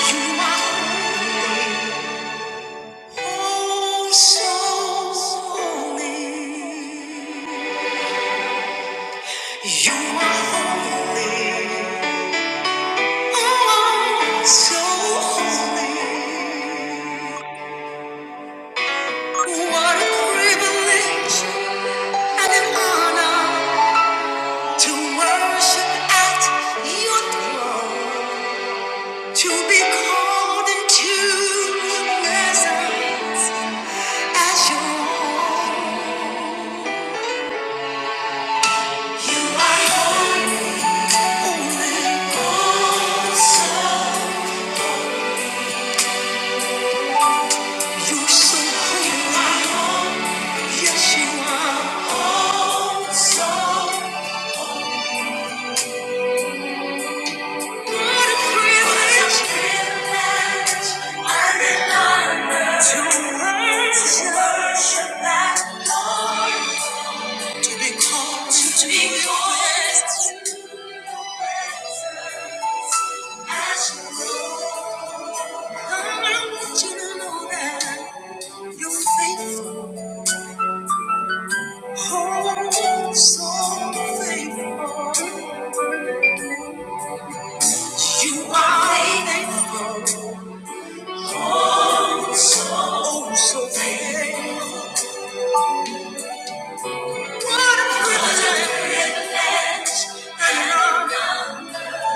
You are holy, so holy. You are holy, oh, so holy. What a privilege and an honor to worship at Your throne, to be called into Your presence as Your own. You are holy, holy, awesome. You're so holy. Yes, you are awesome. What a privilege. What an honor to worship that Lord. To be called, to be called as Lord. I want you to know that you're faithful. Oh, so faithful. You are faithful. Oh, so oh, so faithful. What a privilege and honor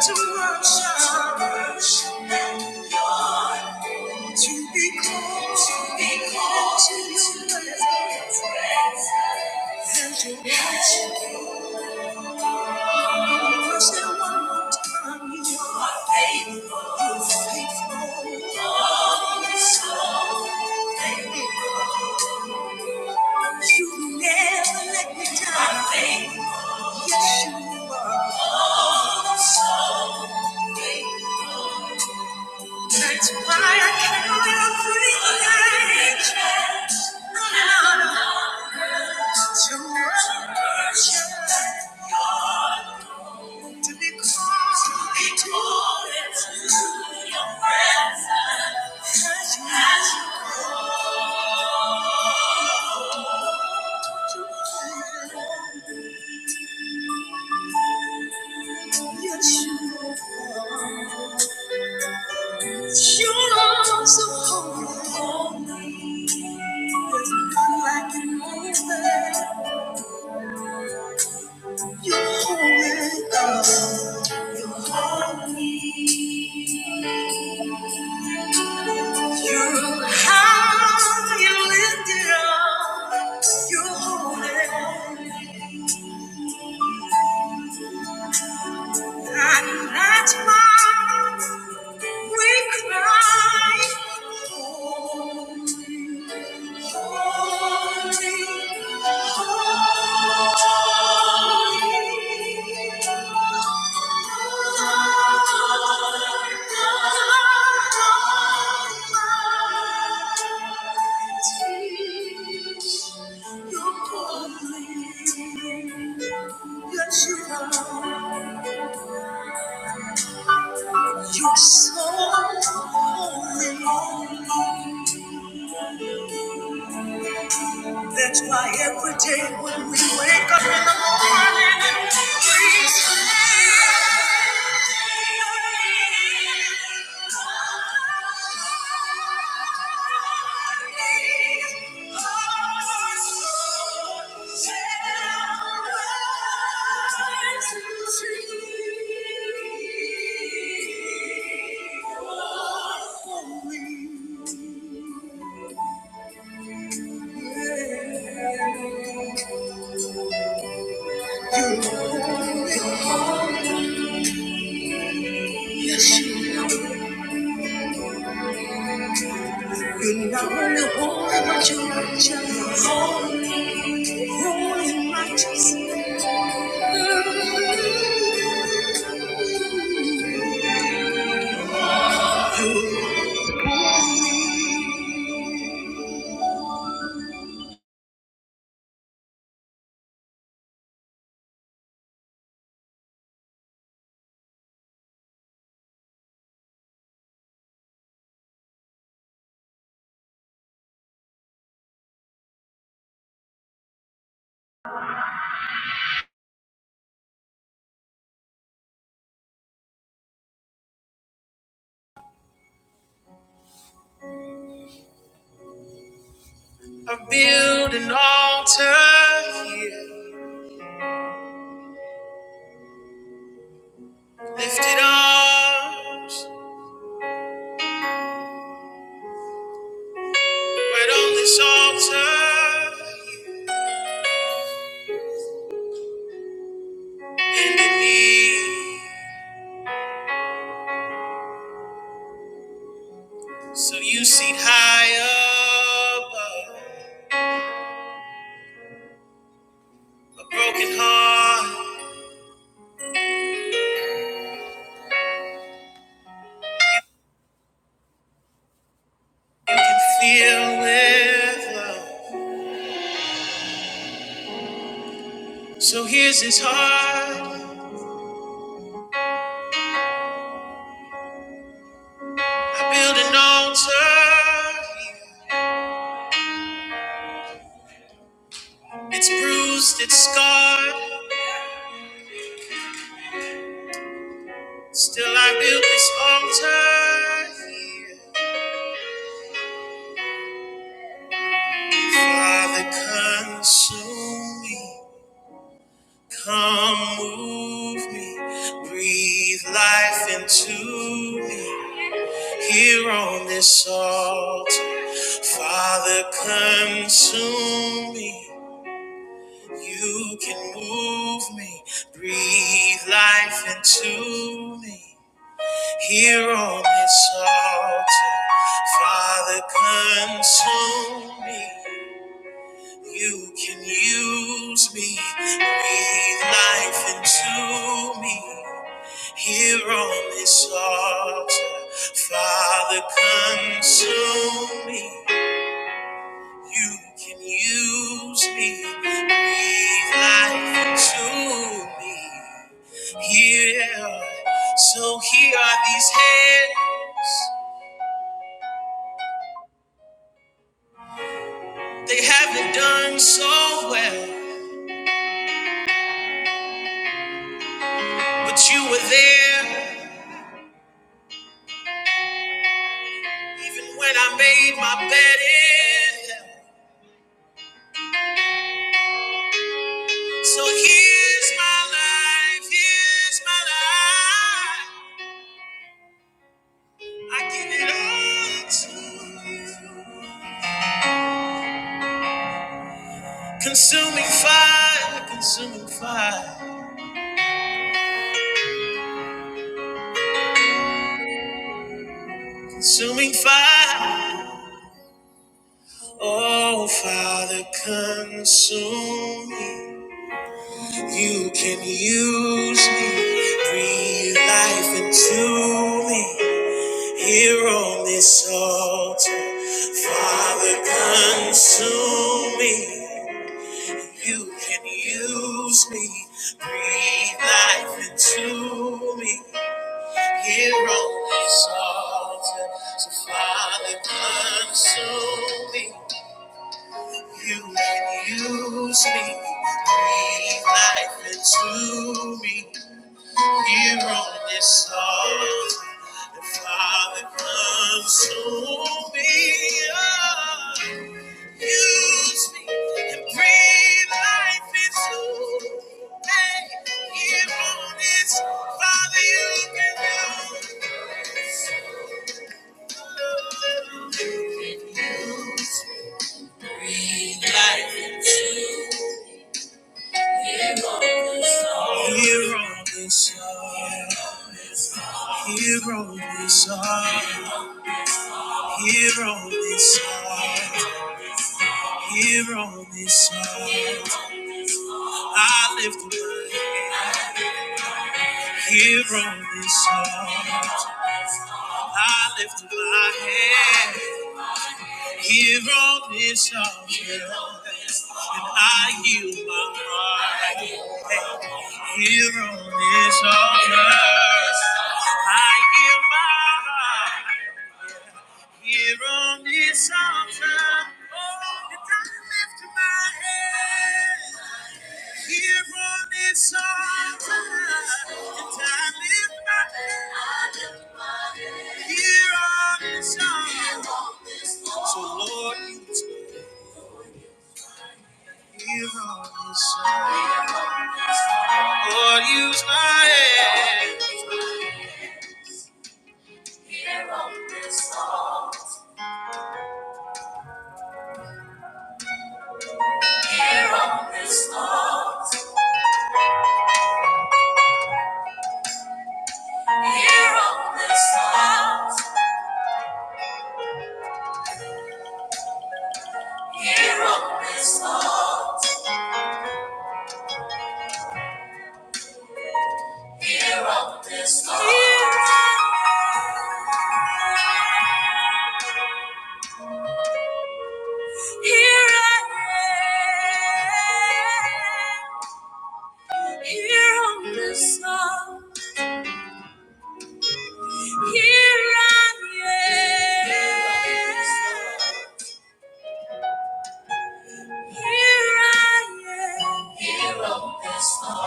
to worship, and your to be called to be called to your presence. And your righteousness. Say one more time. You are faithful. faithful. Always so faithful. You never let me down. faithful. Yes, you are. Oh, so faithful. That's why I carry a pretty angel. Run out of your mercy. To be called to your presence. As you are, you're true. Your arms are holy. There's none like you, Lord. You're holy, God. You're holy. You're high and lifted up. You're holy. And that's why we cry, Holy, holy, holy. You're holy, yes you are. You're so holy. That's why every day when we wake up in the morning and praise Thank you. are holy. Yes, you know. You know the whole about your righteous. Holy and righteous. I build an altar here. Lifted arms right on this altar. Bending knees. So you seat high above a broken heart you can feel with love. So here's his heart. I build an altar. It's bruised, it's scarred. Still I build this altar here. Father, consume me. Come move me. Breathe life into me. Here on this altar, Father, consume me. You can move me, breathe life into me. Here on this altar, Father, consume me. You can use me, breathe life into me. Here on this altar, Father, consume me. You can use me, breathe life into me. Yeah, so here are these hands. They haven't done so well, but you were there even when I made my bed in hell. So here's my life, here's my life. I give it all to you. Consuming fire, consuming fire. Consuming fire, oh Father, consume me. You can use me, breathe life into me. Here on this altar, Father, consume me. You can use me, breathe life into me. Here on this altar, so Father, consume me. You let use me, breathe life into me. Here on this earth, the Father comes to me. Oh, use me and breathe life into me. Here on this, Father, you can do. Breathe life into me. Here on this earth. Here on this earth, here on this earth, here on this earth, I lift my hand. Here on this earth, I lift my hand. Here on this earth, and I yield my heart. Hey, Here on this earth, I give my heart. Here on this altar, oh, and I lift my head. Here on this altar, and I lift my head. Here on this altar, so Lord, use me. Here on this altar, Lord, use my head. Here on this altar, here on this altar. Here on this earth, here on this earth, here on this earth. Here I am, here on this earth, here I am, here I am, here on this earth.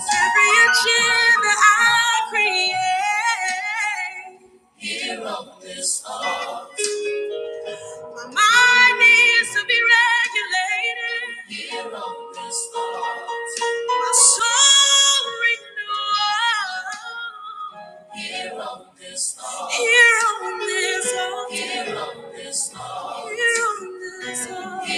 Every action that I create. Here on this heart. My mind needs to be regulated. Here on this heart. My soul renewed. Here on this heart. Here on this heart. Here on this heart. Here on this heart.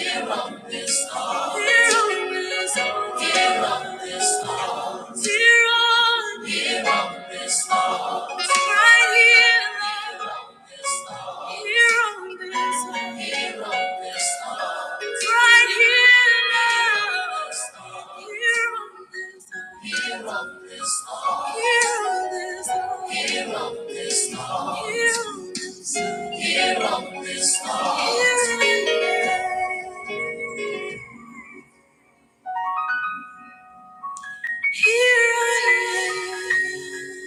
Here I am.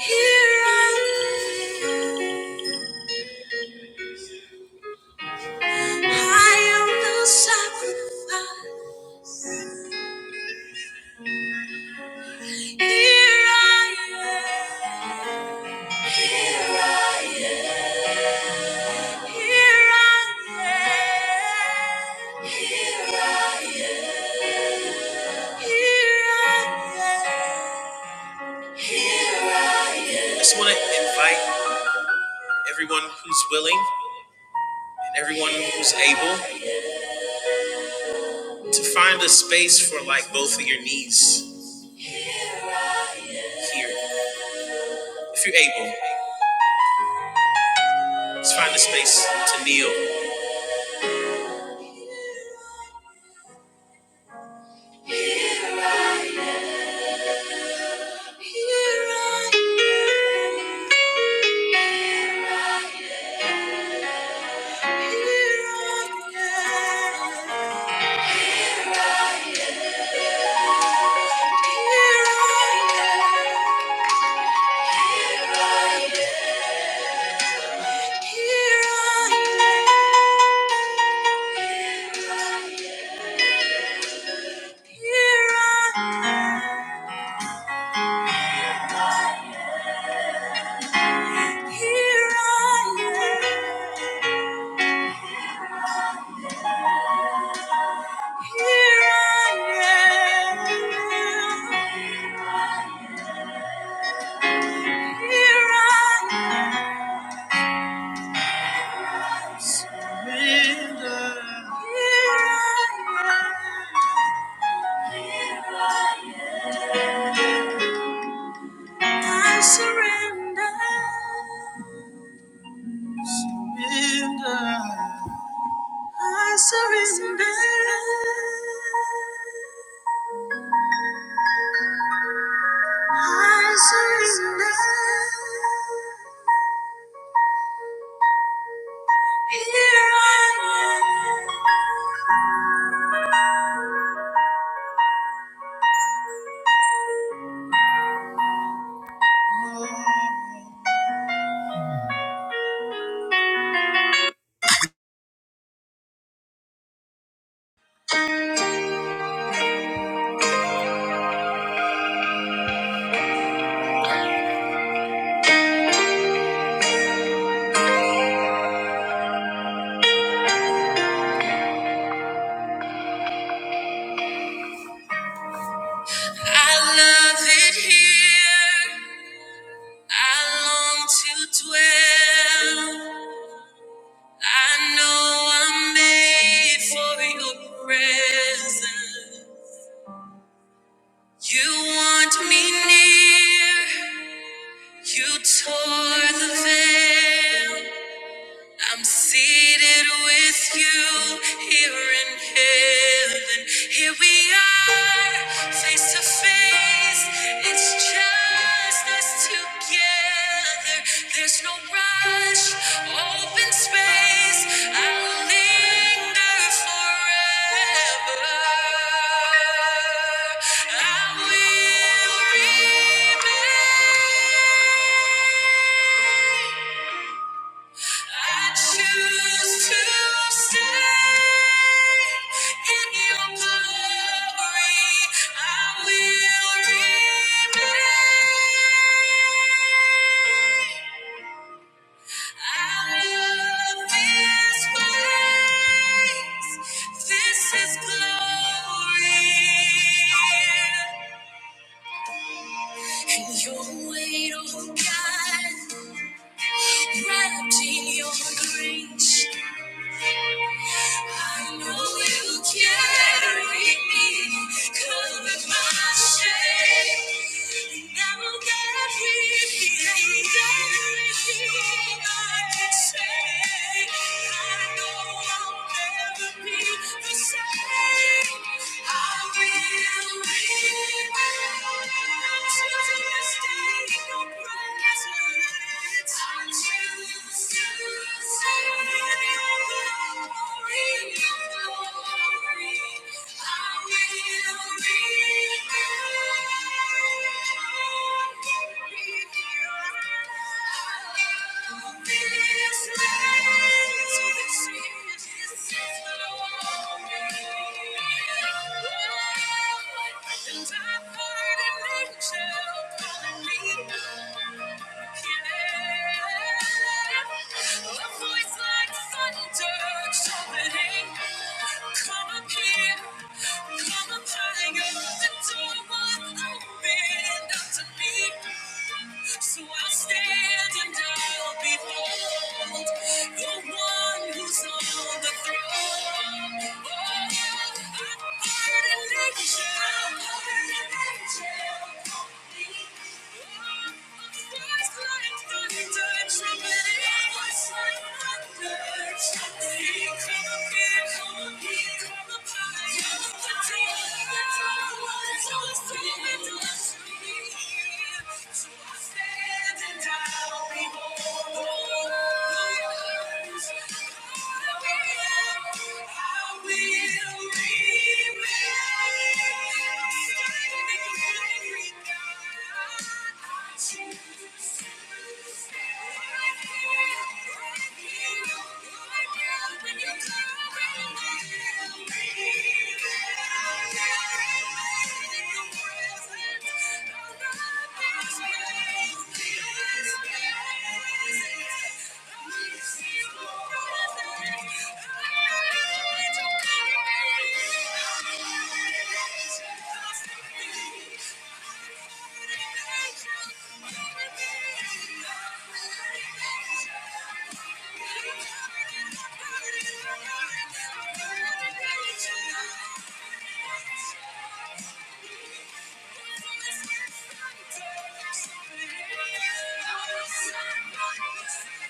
Here I am. I am the sacrifice. Here I am. Here I am. Here I am. Here I am. Here I am. Here I am. I just want to invite everyone who's willing and everyone who's able. to find a space for like both of your knees here. If you're able, let's find a space to kneel. Here I am. Here I am. Here I am. Here I am. Here I am. And I I surrender. I surrender. Here I am. I love it here. I long to dwell. I know I'm made for your presence. You want me near. You tore the veil. I'm seated with you here in heaven. Here we are, face to face. It's just us together. There's no rush, open space. I'll linger forever. I will remain. I choose to stay in your glory. I will remain. I love this place. This is glory. And your weight, oh God, wrapped in your grace. I know you carry me, covered my shame. and Now that everything, everything I can say, I know I'll never be the same. I will live to this day in your presence. I choose. to and I poured an angel calling me. A voice like thunder trumpeting. Come up here, come up higher. The door was opened up to me. So I'll stand and I'll behold the one who's on the throne. Oh, I'm heard an angel, heard an angel. I'll be Thank you.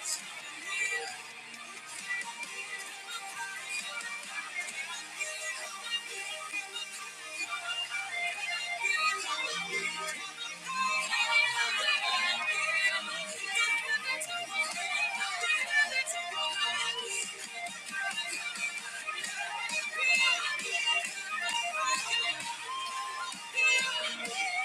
Thank you. Thank you. I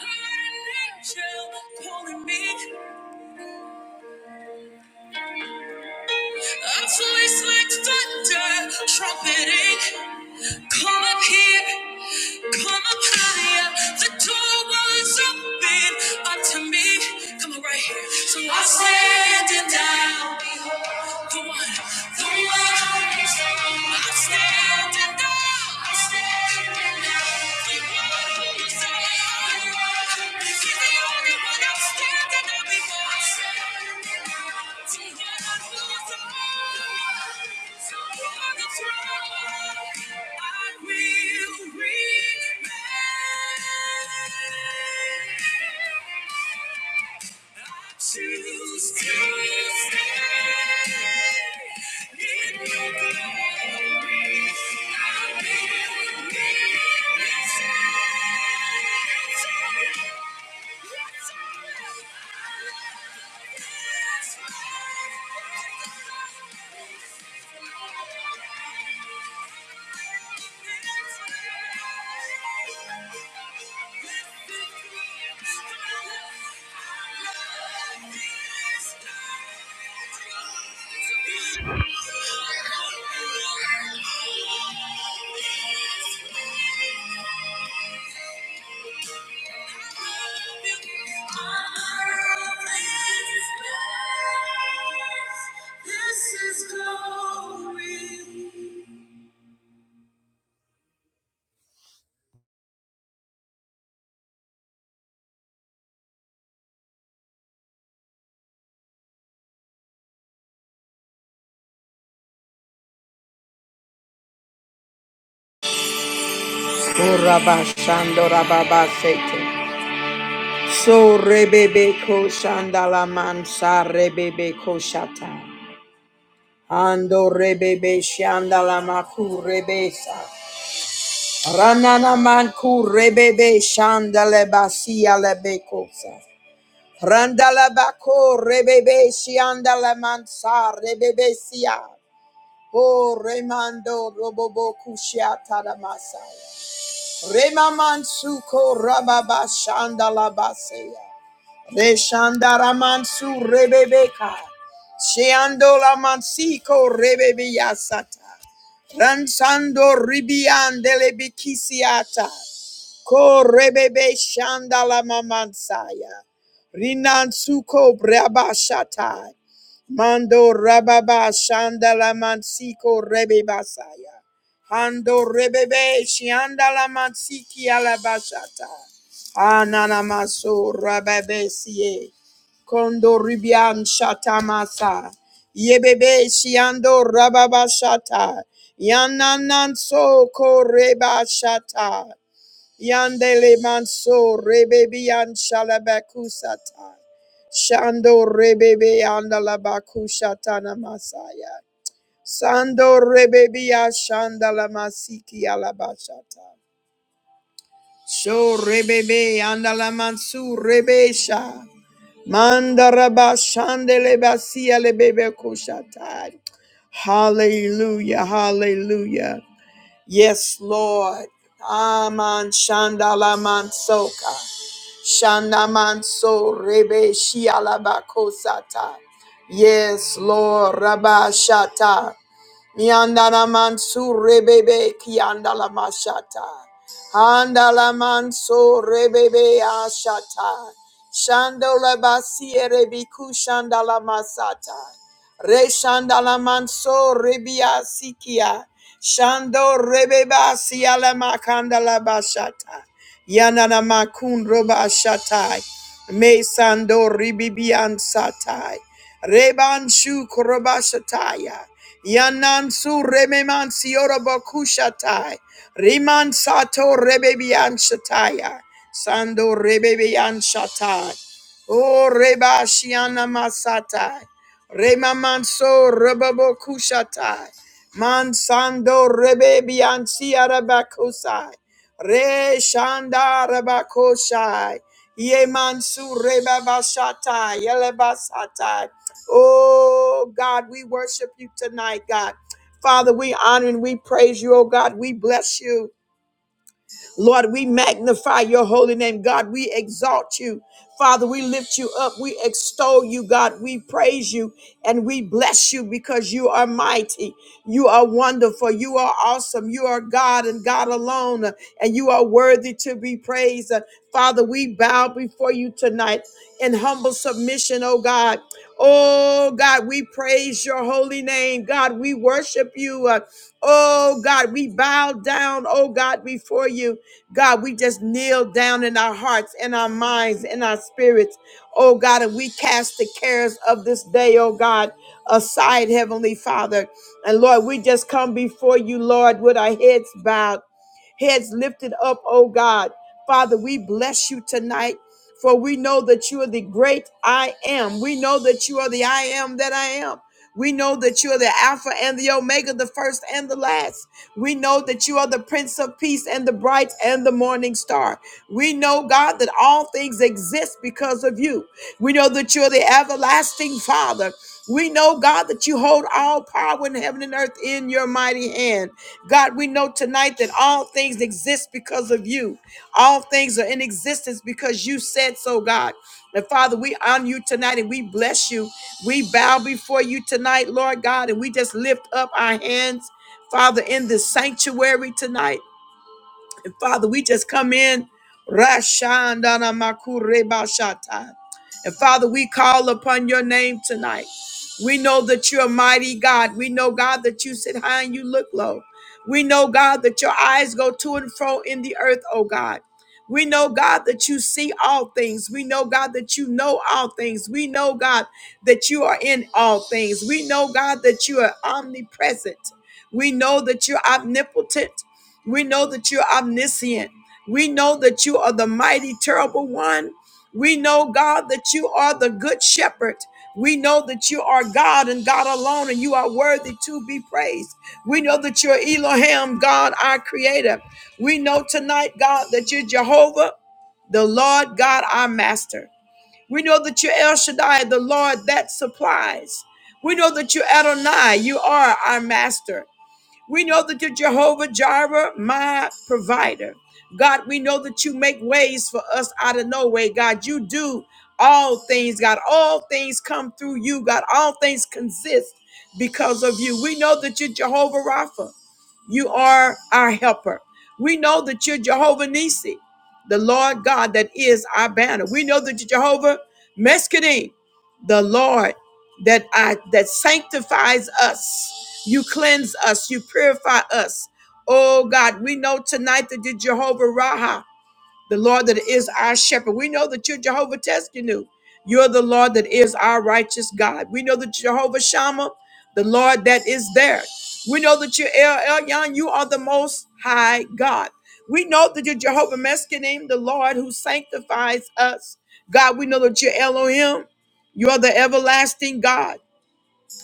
heard an angel calling me. A voice like thunder, trumpeting, here come a fire. The door was open up to me. Come on, right here. So I'm standing down. Come on. Come on. I'm standing up. I'm standing up. Keep walking the same. He's the only one I'm standing up before. I'm standing up. Together we'll go. Toward the throne. I will remain. Choose to stand in your glory. I will live in Urabashandorababasete. So rebebe ko shandala mansa rebebe ko shata. Ando rebebe shandala maku rebesa. Ranana manku rebebe shandale basia lebekosa. Randala bako rebebe shandala mansa rebebe sia. O remando robobo kushiata ramasaya. Rema mansuko rababa shandala basaya. Reshandara mansu rebebeka. Sheandola mansiko rebebeyasata. Ransando ribiandele bikisiata. Ko rebebe shandala mamansaya. Rinansuko brabashata. Mando rababa shandala mansiko rebebasaya. Hando rebebe shandala mansiki alabashata. Ananamaso rababesie. Kondo ribian shatamasa. Yebebe shiando rababashata. Yanananso koreba shata. Yandele manso rebebian shalabakusata. Shando rebebe andalabakushatana masaya. Sando rebebia shandalamasiki alabashata. So rebebe andalamansu rebesha. Mandaraba shandeleba siya lebebe kushatai. Hallelujah, hallelujah. Yes, Lord. Aman shandalamansoka. Shanamanso Rebe Shialabakosata. Yes, Lord Rabashata. Miandalamansu Rebebe Kiandalamashata. Handalamanso Rebebe Ashata. Shandolabasie Rebiku Shandalamasata. Reshandalamanso Rebia Sikia. Shando Rebeba Sialama Kandala Bashata. Yanana Makun Roba Shatai. Me Sando Ribibian Satai. Reban Shu Koroba Shataya. Yanan Su Rememan Sioroba Kushatai. Riman Sato Rebebian Shataya. Sando Rebebian Shatai. O Reba Shiana Masatai. Rema manso rebabo kushatai. Mansando rebe bianci arabakosai, Re shanda rabakoshai. Ye mansu rebabashatai. Yelebasatai. Oh God, we worship you tonight, God. Father, we honor and we praise you, oh God. We bless you. Lord, we magnify your holy name. God, we exalt you. Father, we lift you up. We extol you, God. We praise you and we bless you because you are mighty. You are wonderful. You are awesome. You are God and God alone, uh, and you are worthy to be praised. Uh, Father, we bow before you tonight in humble submission, oh God. Oh God, we praise your holy name. God, we worship you. Uh, Oh God, we bow down, oh God, before you. God, we just kneel down in our hearts, in our minds, in our spirits, oh God, and we cast the cares of this day, oh God, aside, Heavenly Father. And Lord, we just come before you, Lord, with our heads bowed heads lifted up, oh God. Father, we bless you tonight. For we know that you are the great I am. We know that you are the I am that I am. We know that you are the Alpha and the Omega, the first and the last. We know that you are the Prince of Peace and the bright and the morning star. We know, God, that all things exist because of you. We know that you are the everlasting Father. We know, God, that you hold all power in heaven and earth in your mighty hand. God, we know tonight that all things exist because of you. All things are in existence because you said so, God. And Father, we honor you tonight and we bless you. We bow before you tonight, Lord God, and we just lift up our hands, Father, in this sanctuary tonight. And Father, we just come in. Rashandana Makureba Shata. And Father, we call upon your name tonight. We know that you're a mighty God. We know, God, that you sit high and you look low. We know, God, that your eyes go to and fro in the earth, oh God. We know, God, that you see all things. We know, God, that you know all things. We know, God, that you are in all things. We know, God, that you are omnipresent. We know that you're omnipotent. We know that you're omniscient. We know that you are the mighty, terrible one. We know, God, that you are the good shepherd. We know that you are God and God alone, and you are worthy to be praised. We know that you're Elohim, God, our creator. We know tonight, God, that you're Jehovah, the Lord God, our master. We know that you're El Shaddai, the Lord that supplies. We know that you're Adonai, you are our master. We know that you're Jehovah Jireh, my provider. God, we know that you make ways for us out of no way. God, you do all things. God, all things come through you. God, all things consist because of you. We know that you're Jehovah Rapha. You are our helper. We know that you're Jehovah Nissi, the Lord God that is our banner. We know that you're Jehovah Meskedim, the Lord that I that sanctifies us. You cleanse us, you purify us. Oh God, we know tonight that you're Jehovah Raha the Lord that is our shepherd. We know that you're Jehovah Teskenu. You're the Lord that is our righteous God. We know that Jehovah Shammah, the Lord that is there. We know that you're El Elyon. You are the Most High God. We know that you're Jehovah Meskenim, the Lord who sanctifies us. God, we know that you're Elohim. You are the everlasting God.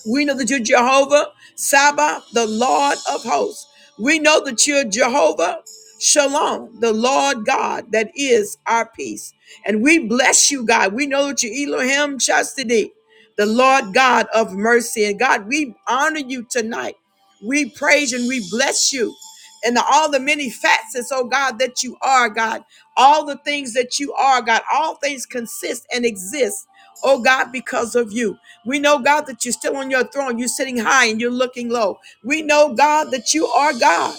We know that you're Jehovah, Sabbath, the Lord of hosts. We know that you're Jehovah, Shalom, the Lord God that is our peace. And we bless you, God. We know that you're Elohim Chastity, the Lord God of mercy. And God, we honor you tonight. We praise and we bless you. And all the many facets, oh God, that you are, God. All the things that you are, God. All things consist and exist, oh God, because of you. We know, God, that you're still on your throne. You're sitting high and you're looking low. We know, God, that you are God.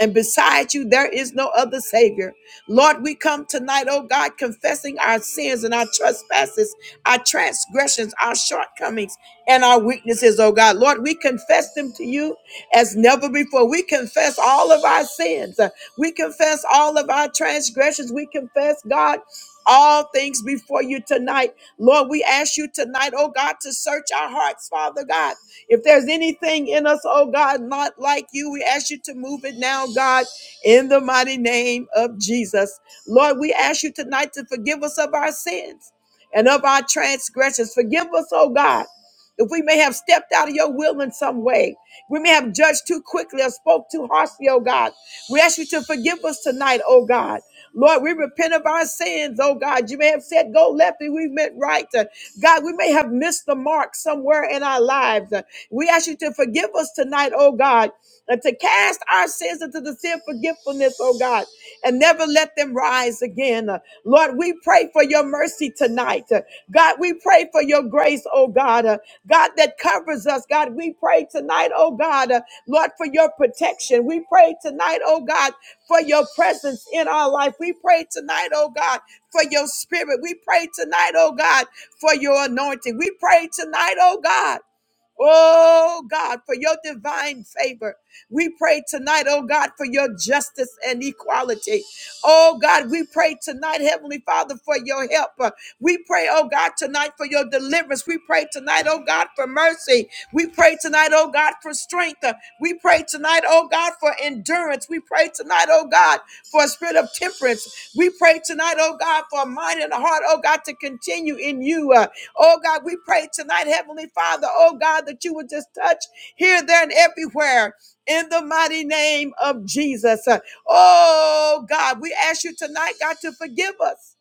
And beside you, there is no other Savior. Lord, we come tonight, oh God, confessing our sins and our trespasses, our transgressions, our shortcomings, and our weaknesses, oh God. Lord, we confess them to you as never before. We confess all of our sins. We confess all of our transgressions. We confess, God, all things before you tonight Lord, we ask you tonight, oh God, to search our hearts, Father God. If there's anything in us, oh God, not like you, we ask you to move it now, God, in the mighty name of Jesus. Lord, we ask you tonight to forgive us of our sins and of our transgressions. Forgive us, oh God. If we may have stepped out of your will in some way, we may have judged too quickly or spoke too harshly, oh God. We ask you to forgive us tonight, oh God. Lord, we repent of our sins, oh God. You may have said go left and we meant right. Uh, God, we may have missed the mark somewhere in our lives. Uh, We ask you to forgive us tonight, oh God, and to cast our sins into the sea of forgetfulness, oh God, and never let them rise again. Uh, Lord, we pray for your mercy tonight. Uh, God, we pray for your grace, oh God. Uh, God, that covers us. God, we pray tonight, oh God, uh, Lord, for your protection. We pray tonight, oh God, for your presence in our life. We pray tonight, oh God, for your spirit. We pray tonight, oh God, for your anointing. We pray tonight, oh God. Oh God, for your divine favor. We pray tonight, oh God, for your justice and equality. Oh God, we pray tonight, Heavenly Father, for your help. Uh, We pray, oh God, tonight for your deliverance. We pray tonight, oh God, for mercy. We pray tonight, oh God, for strength. Uh, We pray tonight, oh God, for endurance. We pray tonight, oh God, for a spirit of temperance. We pray tonight, oh God, for a mind and a heart, oh God, to continue in you. Uh, Oh God, we pray tonight, Heavenly Father, oh God, that you would just touch here, there, and everywhere in the mighty name of Jesus. Uh, Oh God, we ask you tonight, God, to forgive us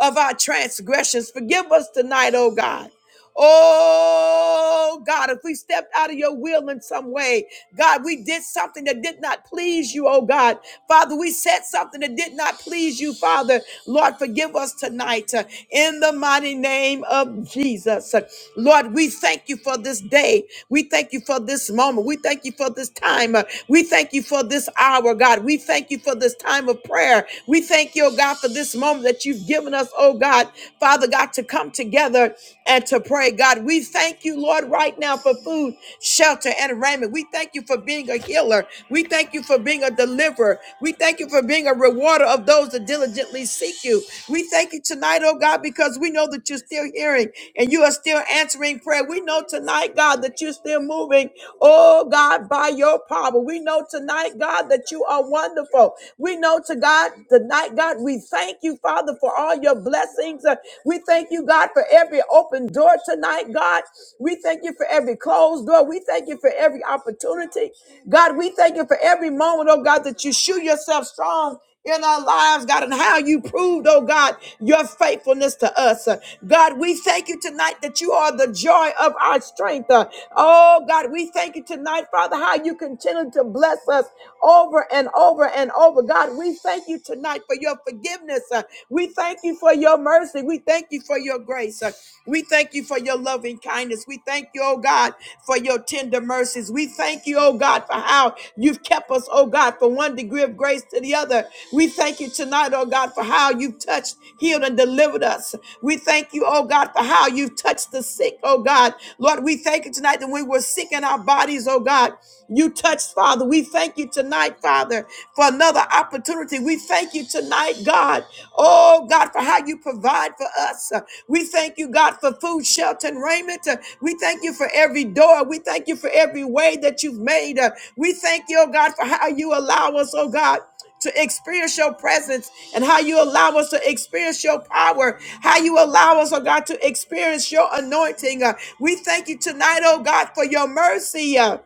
of our transgressions. Forgive us tonight, oh God. Oh God, if we stepped out of your will in some way, God, we did something that did not please you, oh God. Father, we said something that did not please you, Father. Lord, forgive us tonight uh, in the mighty name of Jesus. Uh, Lord, we thank you for this day. We thank you for this moment. We thank you for this time. Uh, We thank you for this hour, God. We thank you for this time of prayer. We thank you, oh God, for this moment that you've given us, oh God, Father God, to come together and to pray. God, we thank you, Lord, right now for food, shelter, and raiment. We thank you for being a healer. We thank you for being a deliverer. We thank you for being a rewarder of those that diligently seek you. We thank you tonight, oh God, because we know that you're still hearing and you are still answering prayer. We know tonight, God, that you're still moving, oh God, by your power. We know tonight, God, that you are wonderful. We know to God tonight, God, we thank you, Father, for all your your blessings. Uh, We thank you, God, for every open door tonight, God. We thank you for every closed door. We thank you for every opportunity. God, we thank you for every moment, oh God, that you show yourself strong in our lives, God, and how you proved, oh God, your faithfulness to us. Uh, God, we thank you tonight that you are the joy of our strength. Uh, Oh God, we thank you tonight, Father, how you continue to bless us over and over and over. God, we thank you tonight tonight for your forgiveness. Uh, We thank you for your mercy. We thank you for your grace. Uh, We thank you for your loving kindness. We thank you, oh God, for your tender mercies. We thank you, oh God, for how you've kept us, oh God, from one degree of grace to the other. We thank you tonight, oh God, for how you've touched, healed, and delivered us. We thank you, oh God, for how you've touched the sick, oh God. Lord, we thank you tonight that we were sick in our bodies, oh God. You touched, Father. We thank you tonight tonight, Father, for another opportunity. We thank you tonight, God. Oh, God, for how you provide for us. Uh, We thank you, God, for food, shelter, and raiment. Uh, We thank you for every door. We thank you for every way that you've made. Uh, We thank you, oh God, for how you allow us, oh God. To experience your presence and how you allow us to experience your power, how you allow us, oh God, to experience your anointing. Uh, we thank you tonight, oh God, for your mercy. Uh,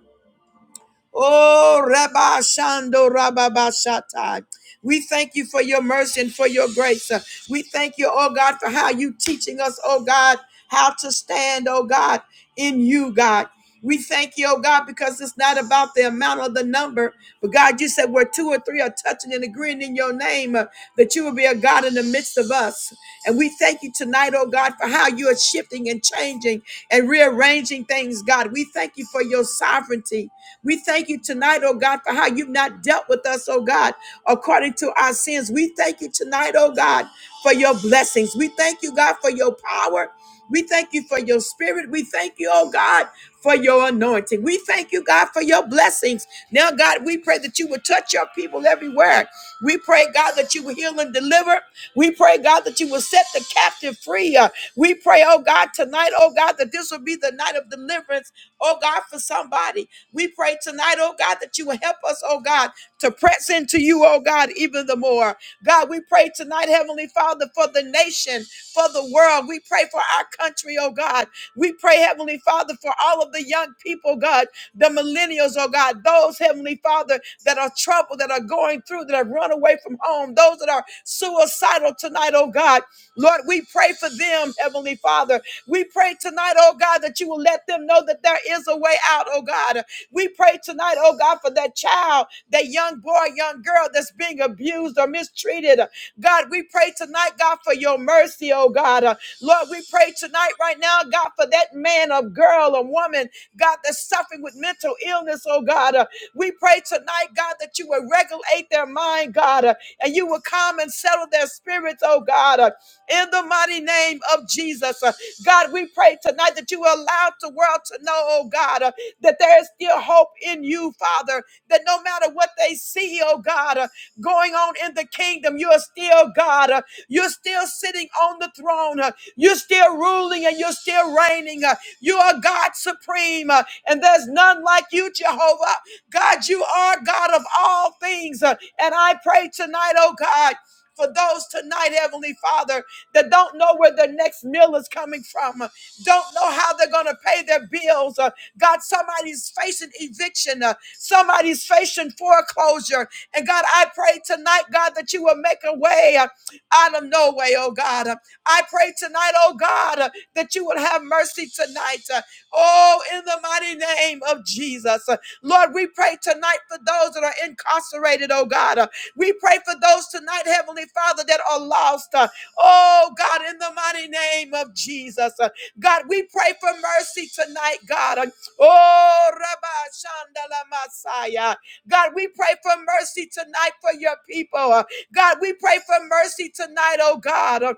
Oh, Rabba Shando Rabba Bashatai. We thank you for your mercy and for your grace. Uh, We thank you, oh God, for how you teaching us, oh God, how to stand, oh God, in you, God. We thank you, oh God, because it's not about the amount or the number, but God, you said where two or three are touching and agreeing in your name, uh, that you will be a God in the midst of us. And we thank you tonight, oh God, for how you are shifting and changing and rearranging things, God. We thank you for your sovereignty. We thank you tonight, oh God, for how you've not dealt with us, oh God, according to our sins. We thank you tonight, oh God, for your blessings. We thank you, God, for your power. We thank you for your spirit. We thank you, oh God, for your anointing. We thank you, God, for your blessings. Now, God, we pray that you would touch your people everywhere. We pray, God, that you will heal and deliver. We pray, God, that you will set the captive free. Uh, we pray, oh God, tonight, oh God, that this will be the night of deliverance, oh God, for somebody. We pray tonight, oh God, that you will help us, oh God, to press into you, oh God, even the more. God, we pray tonight, Heavenly Father, for the nation, for the world. We pray for our country, oh God. We pray, Heavenly Father, for all of the young people, God, the millennials, oh God, those, Heavenly Father, that are troubled, that are going through, that have run away from home, those that are suicidal tonight, oh God. Lord, we pray for them, Heavenly Father. We pray tonight, oh God, that you will let them know that there is a way out, oh God. We pray tonight, oh God, for that child, that young boy, young girl that's being abused or mistreated. God, we pray tonight, God, for your mercy, oh God. Uh, Lord, we pray tonight, right now, God, for that man or girl or woman, God, that's suffering with mental illness, oh God. Uh, We pray tonight, God, that you will regulate their mind, God, uh, and you will calm and settle their spirits, oh God. Uh, In the mighty name of Jesus, Uh, God, we pray tonight that you will allow the world to know, oh God. uh, that there is still hope in you, Father, that no matter what they see, oh God, uh, going on in the kingdom, you are still God. uh, You're still sitting on the throne. uh, You're still ruling and you're still reigning. uh, You are God supreme, uh, and there's none like you, Jehovah. God, you are God of all things. uh, And I pray tonight, oh God, for those tonight, Heavenly Father, that don't know where their next meal is coming from, uh, don't know how they're going to pay their bills, uh, God, somebody's facing eviction. uh, somebody's facing foreclosure. And God, I pray tonight, God, that you will make a way uh, out of no way, oh God. Uh, I pray tonight, oh God, uh, that you will have mercy tonight. uh, oh, in the mighty name of Jesus. Uh, Lord, we pray tonight for those that are incarcerated, oh God. Uh, we pray for those tonight, Heavenly Father, that are lost. uh, oh God, in the mighty name of Jesus. Uh, God, we pray for mercy tonight, God. Uh, Oh, Rabbi Shandala Messiah. God, we pray for mercy tonight for your people. God, we pray for mercy tonight, oh God.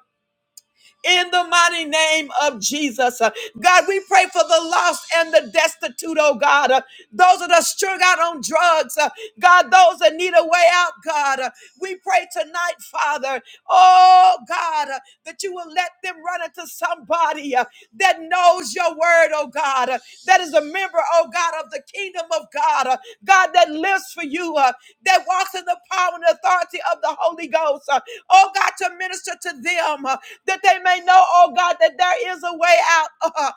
In the mighty name of Jesus. Uh, God, we pray for the lost and the destitute, oh God. Uh, Those that are strung out on drugs. uh, God, those that need a way out, God. Uh, We pray tonight, Father. Oh God, uh, that you will let them run into somebody body uh, that knows your word, oh God, uh, that is a member, oh God, of the kingdom of God, uh, God that lives for you, uh, that walks in the power and authority of the Holy Ghost, uh, oh God, to minister to them, uh, that they may know, oh God, that there is a way out. Uh,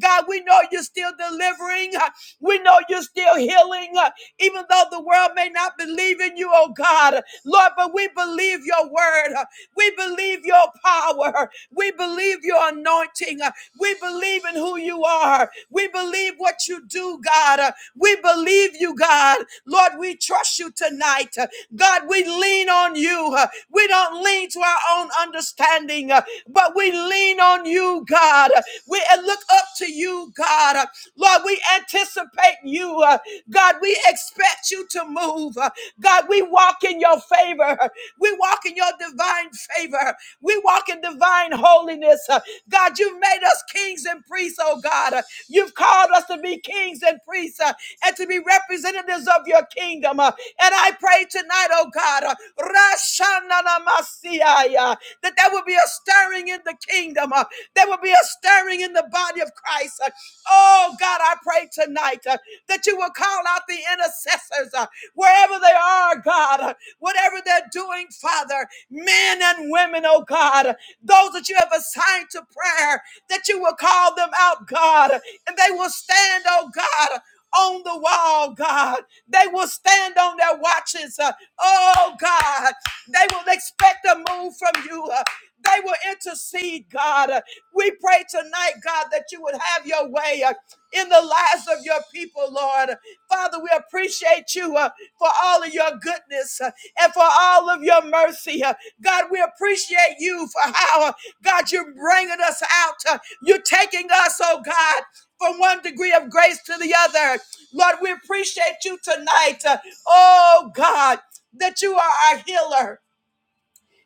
God, we know you're still delivering. uh, We know you're still healing, uh, even though the world may not believe in you, oh God. Lord, but we believe your word. Uh, we believe your power. We believe your anointing. Uh, We believe in who you are. We believe what you do, God. Uh, We believe you, God. Lord, we trust you tonight. Uh, God, we lean on you. Uh, We don't lean to our own understanding, uh, but we lean on you, God. Uh, We uh, look up to you, God. Uh, Lord, we anticipate you. uh, God, we expect you to to move. Uh, God, we walk in your favor. We walk in your divine favor. We walk in divine holiness. Uh, God, you've made us kings and priests, oh God. Uh, You've called us to be kings and priests uh, and to be representatives of your kingdom. Uh, And I pray tonight, oh God, uh, Rashananamasiaya, that there will be a stirring in the kingdom. uh, There will be a stirring in the body of Christ. Oh God, I pray tonight uh, that you will call out the intercessors uh, wherever they are, God, uh, whatever they're doing, Father, men and women, oh God, uh, those that you have assigned to prayer, that you will call them out, God, uh, and they will stand, oh God. uh, On the wall, God. They will stand on their watches. uh, Oh, God. They will expect a move from you. uh, They will intercede, God. We pray tonight, God, that you would have your way uh, in the lives of your people, Lord. Father, we appreciate you uh, for all of your goodness uh, and for all of your mercy. uh. God, we appreciate you for how, uh, God, you're bringing us out. uh, You're taking us, oh God, from one degree of grace to the other. Lord, we appreciate you tonight. uh, Oh God, that you are our healer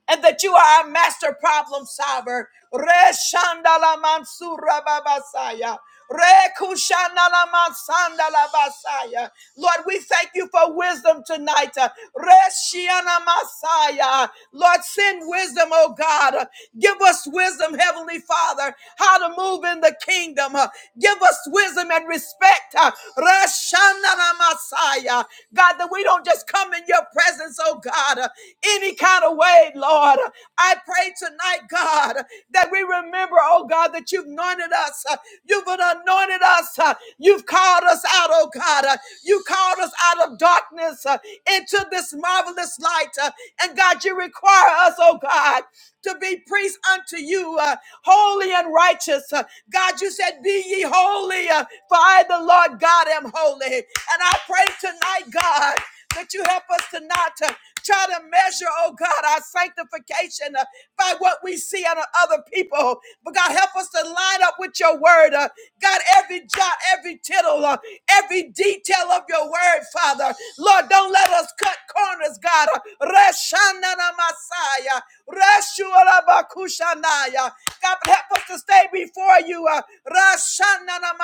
and that you are our master problem solver. Reshandala Mansura Babasaya. Rekushandala Mansandala Basaya. Lord, we thank you for wisdom tonight. Reshiana Masaya. Lord, send wisdom, oh God. Give us wisdom, Heavenly Father, how to move in the kingdom. Give us wisdom and respect. Rashanana Messiah. God, that we don't just come in your presence, oh God, uh, any kind of way, Lord. I pray tonight, God, that we remember, oh God, that you've anointed us. uh, You've anointed us. uh, You've called us out, oh God. uh, You called us out of darkness uh, into this marvelous light. uh, And God, you require us, oh God, to be priests unto you, uh, holy and righteous. Uh, God, you said, Be ye holy, uh, for I, the Lord God, am holy. And I pray tonight, God, that you help us to not to try to measure, oh God, our sanctification. uh, by what we see out of other people. But God, help us to line up with your word. Uh, God, every jot, every tittle, uh, every detail of your word, Father. Lord, don't let us cut corners, God. Uh, Reshanana Masaya, Reshuala Bakushanaya. God, help us to stay before you. Uh, Masaya,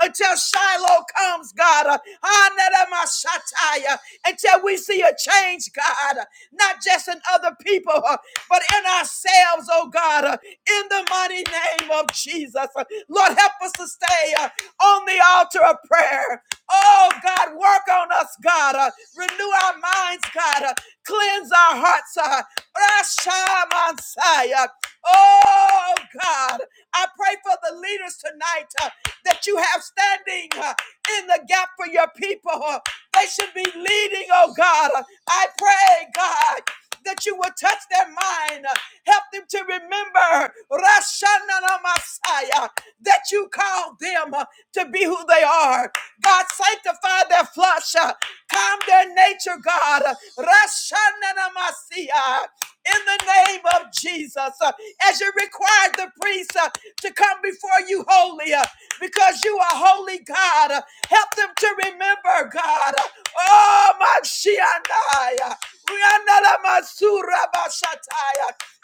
until Shiloh comes, God. Uh, Hanana Mashataya, until we see a change, God. Not just just in other people, uh, but in ourselves, oh God, uh, in the mighty name of Jesus. Uh, Lord, help us to stay uh, on the altar of prayer. Oh God, work on us, God. Uh, renew our minds, God. Uh, cleanse our hearts. Uh, Rasha Mansaya. Oh God, I pray for the leaders tonight uh, that you have standing uh, in the gap for your people. Uh, they should be leading, oh God. uh, I pray, God, that you will touch their mind. Help them to remember Rashanana Messiah, that you called them uh, to be who they are. God, sanctify their flesh, uh, calm their nature, God. Rashanana Messiah in the name of Jesus. Uh, As you required the priests uh, to come before you holy uh, because you are holy God, uh, help them to remember, God. Uh, Oh, Mashiach.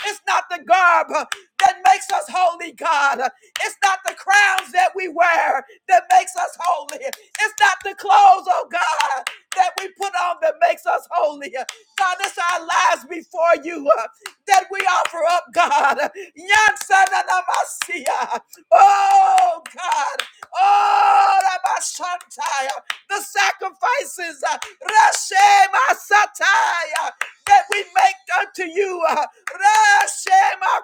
It's not the garb uh, that makes us holy, God. Uh, It's not the crowns that we wear that makes us holy. It's not the clothes, oh God that we put on that makes us holy. God, It's our lives before you uh, that we offer up, God. Yansananamasia. Oh, God. Oh, Rabashantai. the sacrifices uh, Rashemasataya, that we make unto you. uh,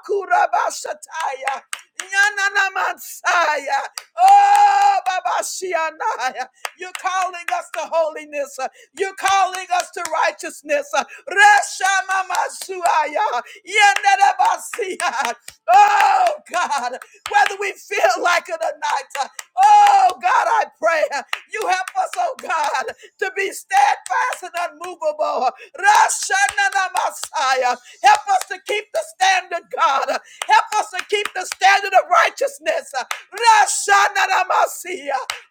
Rashemakurabasatai. Yanana Mansaya. Oh, Baba Shianaya. You're calling us to holiness. uh, You're calling us to righteousness. uh, Resha Mama Suaya. Yanana Basia. Oh, God. Whether we feel like it or not. uh, Oh, God, I pray. uh, You help us, oh, God, to be steadfast and unmovable. Rasha Nana Messiah. Help us to keep the standard, God. Help us to keep the standard of righteousness.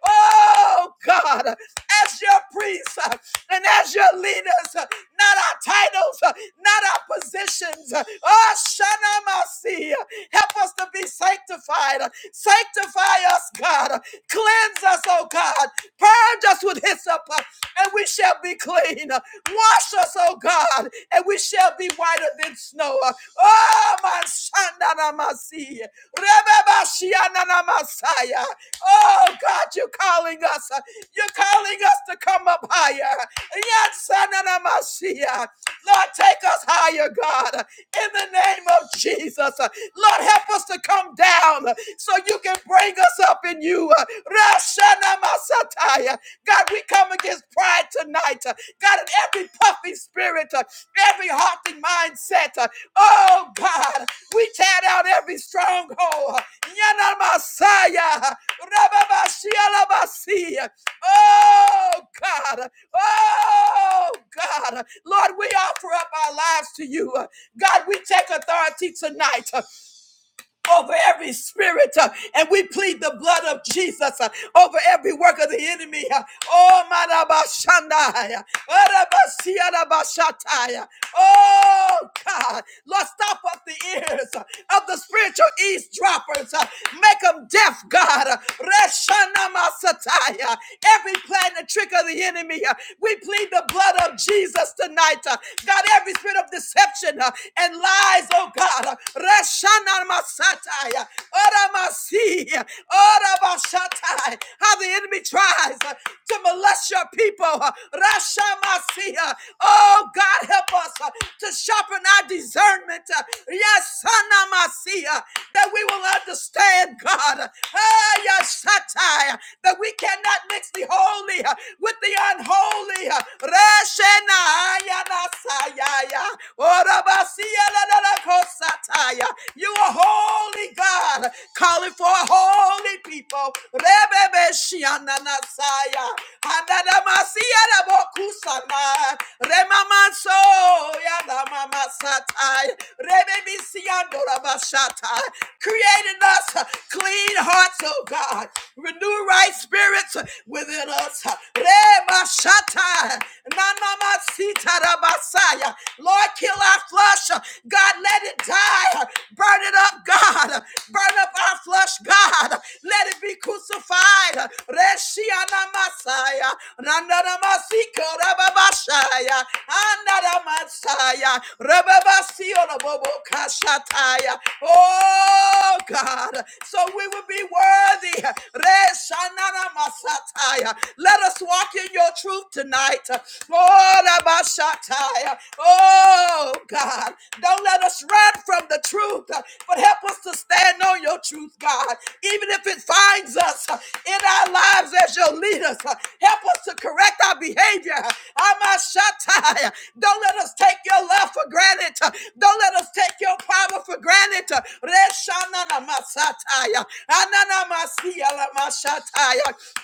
Oh, God, as your priests uh, and as your leaders, uh, not our titles, uh, not our positions. uh, Oh, Shanamasi. Help us to be sanctified. uh, Sanctify us, God. Cleanse us, oh God. Purge us with hyssop, uh, and we we shall be clean. Wash us, oh God, and we shall be whiter than snow. Oh, my son, my sea. Rebabashiananamasaya. Oh God, you're calling us. You're calling us to come up higher. Yansananamasia. Lord, take us higher, God, in the name of Jesus. Lord, help us to come down so you can bring us up in you. Rashana Masataya. God, we come against pride tonight. uh, God, in every puffy spirit, uh, every haughty mindset. uh, Oh, God, we tear down every stronghold. uh, Yana Masaya. Rababashialabasi. Oh, God. Oh, God. Lord, we offer up our lives to you. God, we take authority tonight over every spirit, uh, and we plead the blood of Jesus uh, over every work of the enemy. uh, Oh, Marabashandaya, Arabasiarabashataya. Oh, God. Lord, stop up the ears uh, of the spiritual eavesdroppers. uh, Make them deaf, God. Uh, Reshanamasataya. Every plan and trick of the enemy, uh, we plead the blood of Jesus tonight. uh, God, every spirit of deception uh, and lies, oh God. God. Reshana Masataya. Ora Masi. Ora Bashatai. How the enemy tries uh, to molest your people. Uh, Rasha Masi. Uh, Oh God, help us uh, to sharpen our discernment. Uh, Yes, Sana Masia, That we will understand, God. Uh, ah, yes, Shatai. That we cannot mix the holy uh, with the unholy. Uh, Reshana Yanasaya. Ora. Rabasiyalalakosataya. You are holy God, calling for a holy people. Rebebeshiananasaya. Hanadamasiyalabokusana. Remamasoyalamamasataya. Rebebisiyandorabashata. Create in us clean hearts, oh God. Renew right spirits within us. Remashatai. Nanamasitarabasatai. Messiah. Lord, kill our flesh. God, let it die. Burn it up, God. Burn up our flesh, God. Let it be crucified. Reshiana Masaya. Nandana Masika Rababashaya. Andana Masaya. Rababasio Bobo Kashataya. Oh God. So we will be worthy. Reshanana Masataya. Let us walk in your truth tonight. Morabashatai. Oh, God. Don't let us run from the truth, uh, but help us to stand on your truth, God. Even if it finds us uh, in our lives as your leaders, uh, help us to correct our behavior. Amashatai. Don't let us take your love for granted. uh, Don't let us take your power for granted. uh,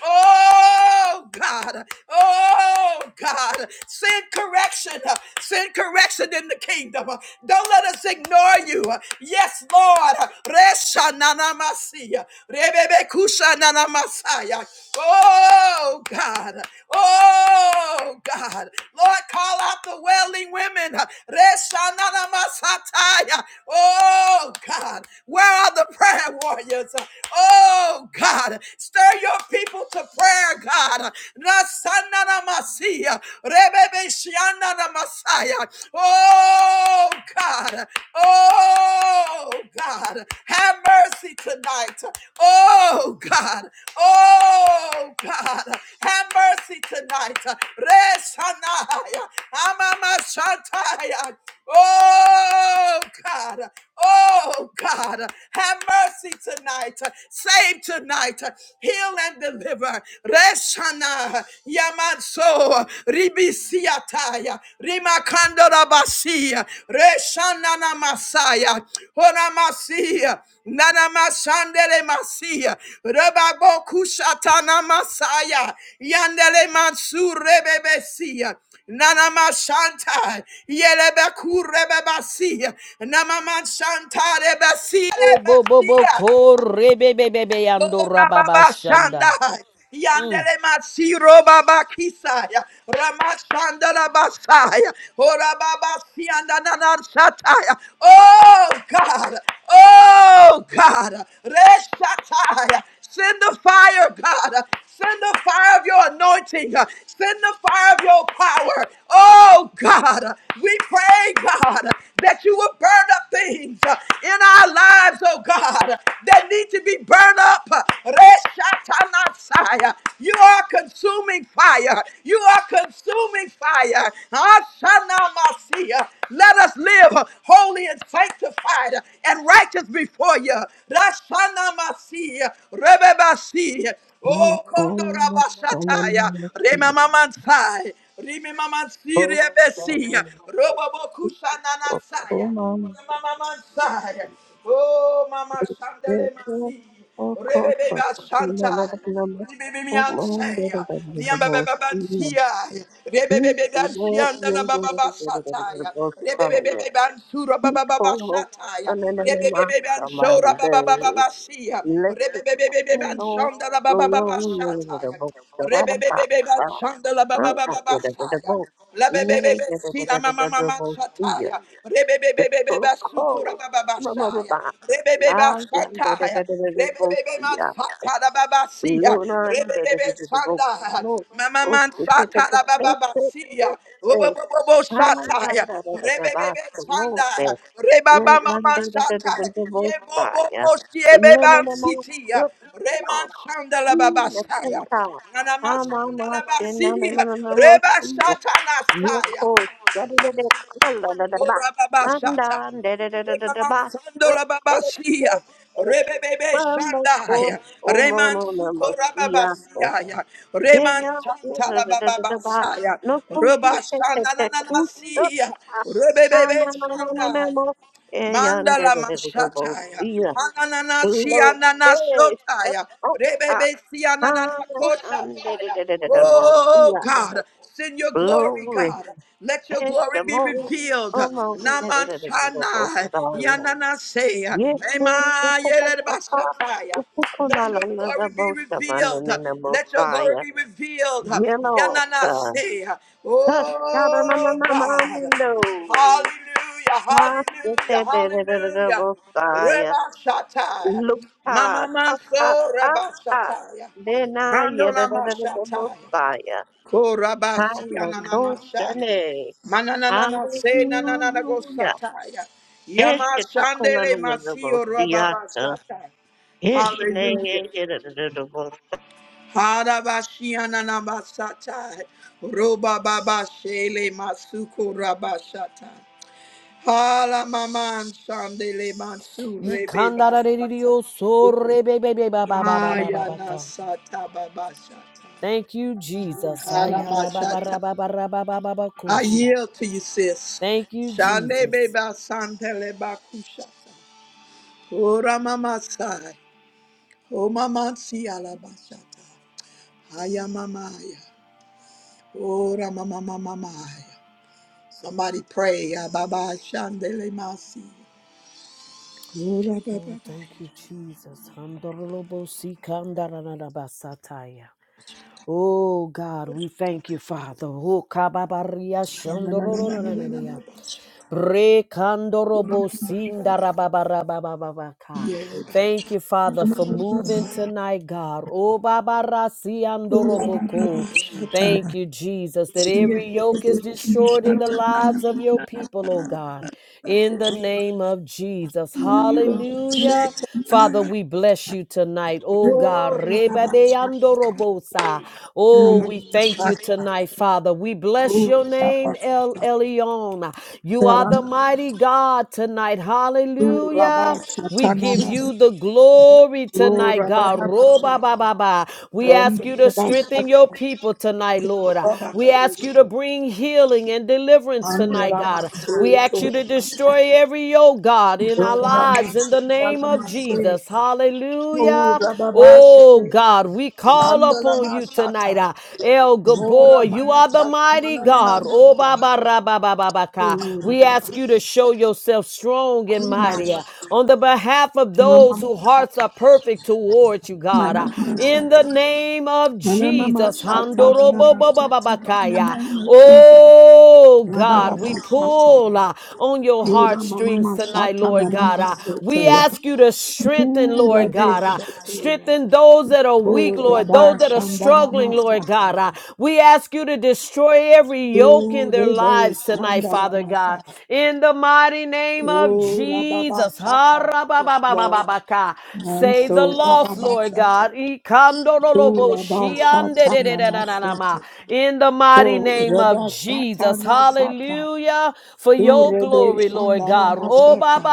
Oh, God. God. Oh, God. Send correction. Send correction in the kingdom. Don't let us ignore you. Yes, Lord. Resha nanamasi. Rebebe kusha nanamasaya. Oh, God. Oh, God. Lord, call out the wailing women. Resha nanamasataya. Oh, God. Where are the prayer warriors? Oh, God. Stir your people to prayer, God. Rasananamasia, rebebeshiananamasia. Oh, God. Oh, God. Have mercy tonight. Oh, God. Oh, God. Have mercy tonight. Resanaya, amamashataya. Oh, God. Oh, God. Have mercy tonight. Save tonight tonight. Heal and deliver. Resana Yamatso Ribisiataya Rimakando Rabasia Reshana Namasaya Honamasia Nanamasandele Masia Rebabo Kushatana Masaya Yandele Mansur Rebebesia Nana Mashanta Yelebeku Rebebasia Nama Mashanta Rebasia Bo bo bo bo Rebasia ko re be be be be ando Kora rababa baba shanda. shanda. Mm. Yandele masiro baba kisaya. Ramashanda la basaya. Ora baba sianda na na shataya. Oh God. Oh God. Reshataya. Send the fire, God. Send the fire of your anointing. Send the fire of your power. Oh, God. We pray, God, that you will burn up things in our lives, oh, God, that need to be burned up. Reshatanasaya. You are consuming fire. You are consuming fire. Ashanamasiya. Let us live uh, holy and sanctified and righteous before you. Rashana masi, rebebasi, Mm, oh kondora mm, mm, bashataya, mm. remamamansai, remamamansi Both the rebesi, Lord, of robobokushananasaya, Oman, remamamansai, oh mama shandele Jacob, masi. of Kota, Rebebeba Oman, Santa. Lebanon, Oman, Ribebemianseya. Lebanon, the most evil. Riambababansia. He is the Lord, he Rebebebebansianda la is the bababa Lord, the most fire. Rebebebebansura He bababa come up, and then the master man, Rebebebebansura the babababasia. elected Kuno, Rebebebebansanda la the bababa one, the most, the Rebebebebansanda la bababa Lord, La bebebebe sila mama mama sataya. Rebebebebeba sukura bababa Rebebeba sataya. Rebebebe man sata da baba siya. Rebebebe sanda. Mama man sata da baba siya. Obobobobo sata ya. Rebebebe sanda. Rebaba mama sata. Ye bobo siye beban siti ya. Reman sanda la baba saya. man, masanda la basi. Reba sata na saya. Yoko, da-da-da-da, kala-da-da-ba, Ora baba shata. manda, Rema da-da-da-da-da-ba, sando up, la baba eh, eh, shia. eh, Rebebebe manda, ko, shandaya. Reman omono, namo, suko rababa siya, eh, siya. yeah, Reman yeah, chanta la baba da-da-da-da-da-ba, saya. no, ko, Roba shit, eh, eh, shana na eh, na na ooh, up, siya. ah, ah, na, Rebebebe na, na, na, na, shandaya. mo, eh, yeah, Mandala da-da-da-da-da-bo, mashataya. siya, Hananana hello, sianana eh, up, shotaya. oh, ah, Rebebe ah, sianana ah, koshataya. da-da-da-da-da-da-bo, Oh God, send your glory, siya, God. Let your glory be Eskimo, revealed. Omo, Namanchana yanana say. Yes, Ema yele bashataya. Let your glory be revealed. Let your Messiah. glory be revealed. Yeah, Lord. Yanana say, Oh God. Sha-da-na-na-na-mando. Hallelujah, hallelujah, hallelujah. Messiah. Reba Shataya. Look, ah, Mama ta, ta, Manso ta, Reba ta. Kandola Dena, yeah, Handola Mashataya. Messiah. Korabasia Nananasha. Hallelujah. Mananana se Nanana go Hallelujah. Sataya. Yama Shandele Masio Reba Ishkitakolololobosiyata. Bashataya. Hallelujah. Ishneyeyerededebosakobasana. Harabashia Nanabasataya. Roba Baba Shele Masuko Rabashataya. Hala maman shandele mansu rebe Ikanda ra re re re basata. o so re be be be ba ba ba ba ba ba ba Ayana ka. sata babasata. Thank you, Jesus. Hala Aya rababa basata. rababa rababa baba I kusha. yield to you, sis. Thank you, Shande Jesus. beba santele bakushata. Ora mama sai. O mama si ala basata. Haya mamaya. Ora mama mama maya. Somebody pray. Ababa shandele masi. Ora Oh, baba. thank you, Jesus. Handorolobo sikanda ra ra ra ba sataya. Oh God, we thank you, Father. Oh, kababaria Na na na na na na na shandororororororia. Rekandorobo sindarababarababababaka. na. Thank you, Father, for moving tonight, God. Obabarasiandoroboko. Rabababashatara. Thank you, Jesus, that Yes, every yoke is Lord. destroyed in the lives of your people, oh God. In the name of Jesus. Hallelujah. Father, Kinshatamashetanana. we bless you tonight, oh God. Oh, Rabashatanana. Rebabeandorobosa. Oh, we thank you Rabashata. tonight, Father. We bless Oh, your name, Rabasatara. El Elyon throne. You are the mighty God tonight. Hallelujah. We give Rabashatanana. you the glory Oh, tonight, God. Rababasha. Roba ba ba ba. We And ask you to strengthen your Rabashata. people tonight, Lord. We ask Rabasash. you to bring healing and deliverance And tonight, God. We Ramaseto. ask you to destroy every yoke, God, in Oh, our lives in the name of Ramashatanamase. Jesus. Oh, Hallelujah. Rababasha. Oh, God, we call And upon you Ramashata. tonight. uh, El Oh, Gabor, you are the mighty God. Oh, Ramamashata. Baba Rababababaka. Ora We ask baba. you to show yourself strong and Uma. mighty uh, on the behalf of those Mama. whose hearts are perfect towards you, God. Mana uh, In the masata. name of Mana mama Jesus. shata. Mana masata. In the Handorobobobabakaya. name of Jesus. Oh, Rabba God, we baba shata. pull uh, on your Ora mama heartstrings tonight, masata. Lord Mana God. uh, We masata. ask you to strengthen, Ora Lord de God. uh, shata. Strengthen those that are weak, Ora Lord, those ba that are shandana struggling, Lord God. masata. uh, We ask you to destroy every yoke in their Ora de lives tonight, shandana Father God. masata. In the mighty name of Ora baba Jesus. ha shata. ra ba Yes, ba ba ba Lord. ba ka And Save the so Rabba lost, Lord Basata. God. Ora ba shata. Mana Ikandorolobo-shiandededededadadama. masata. In the mighty Ko name reba of shata Jesus. masata, Hallelujah. For tu your rebe glory, Lord shandala God. masata,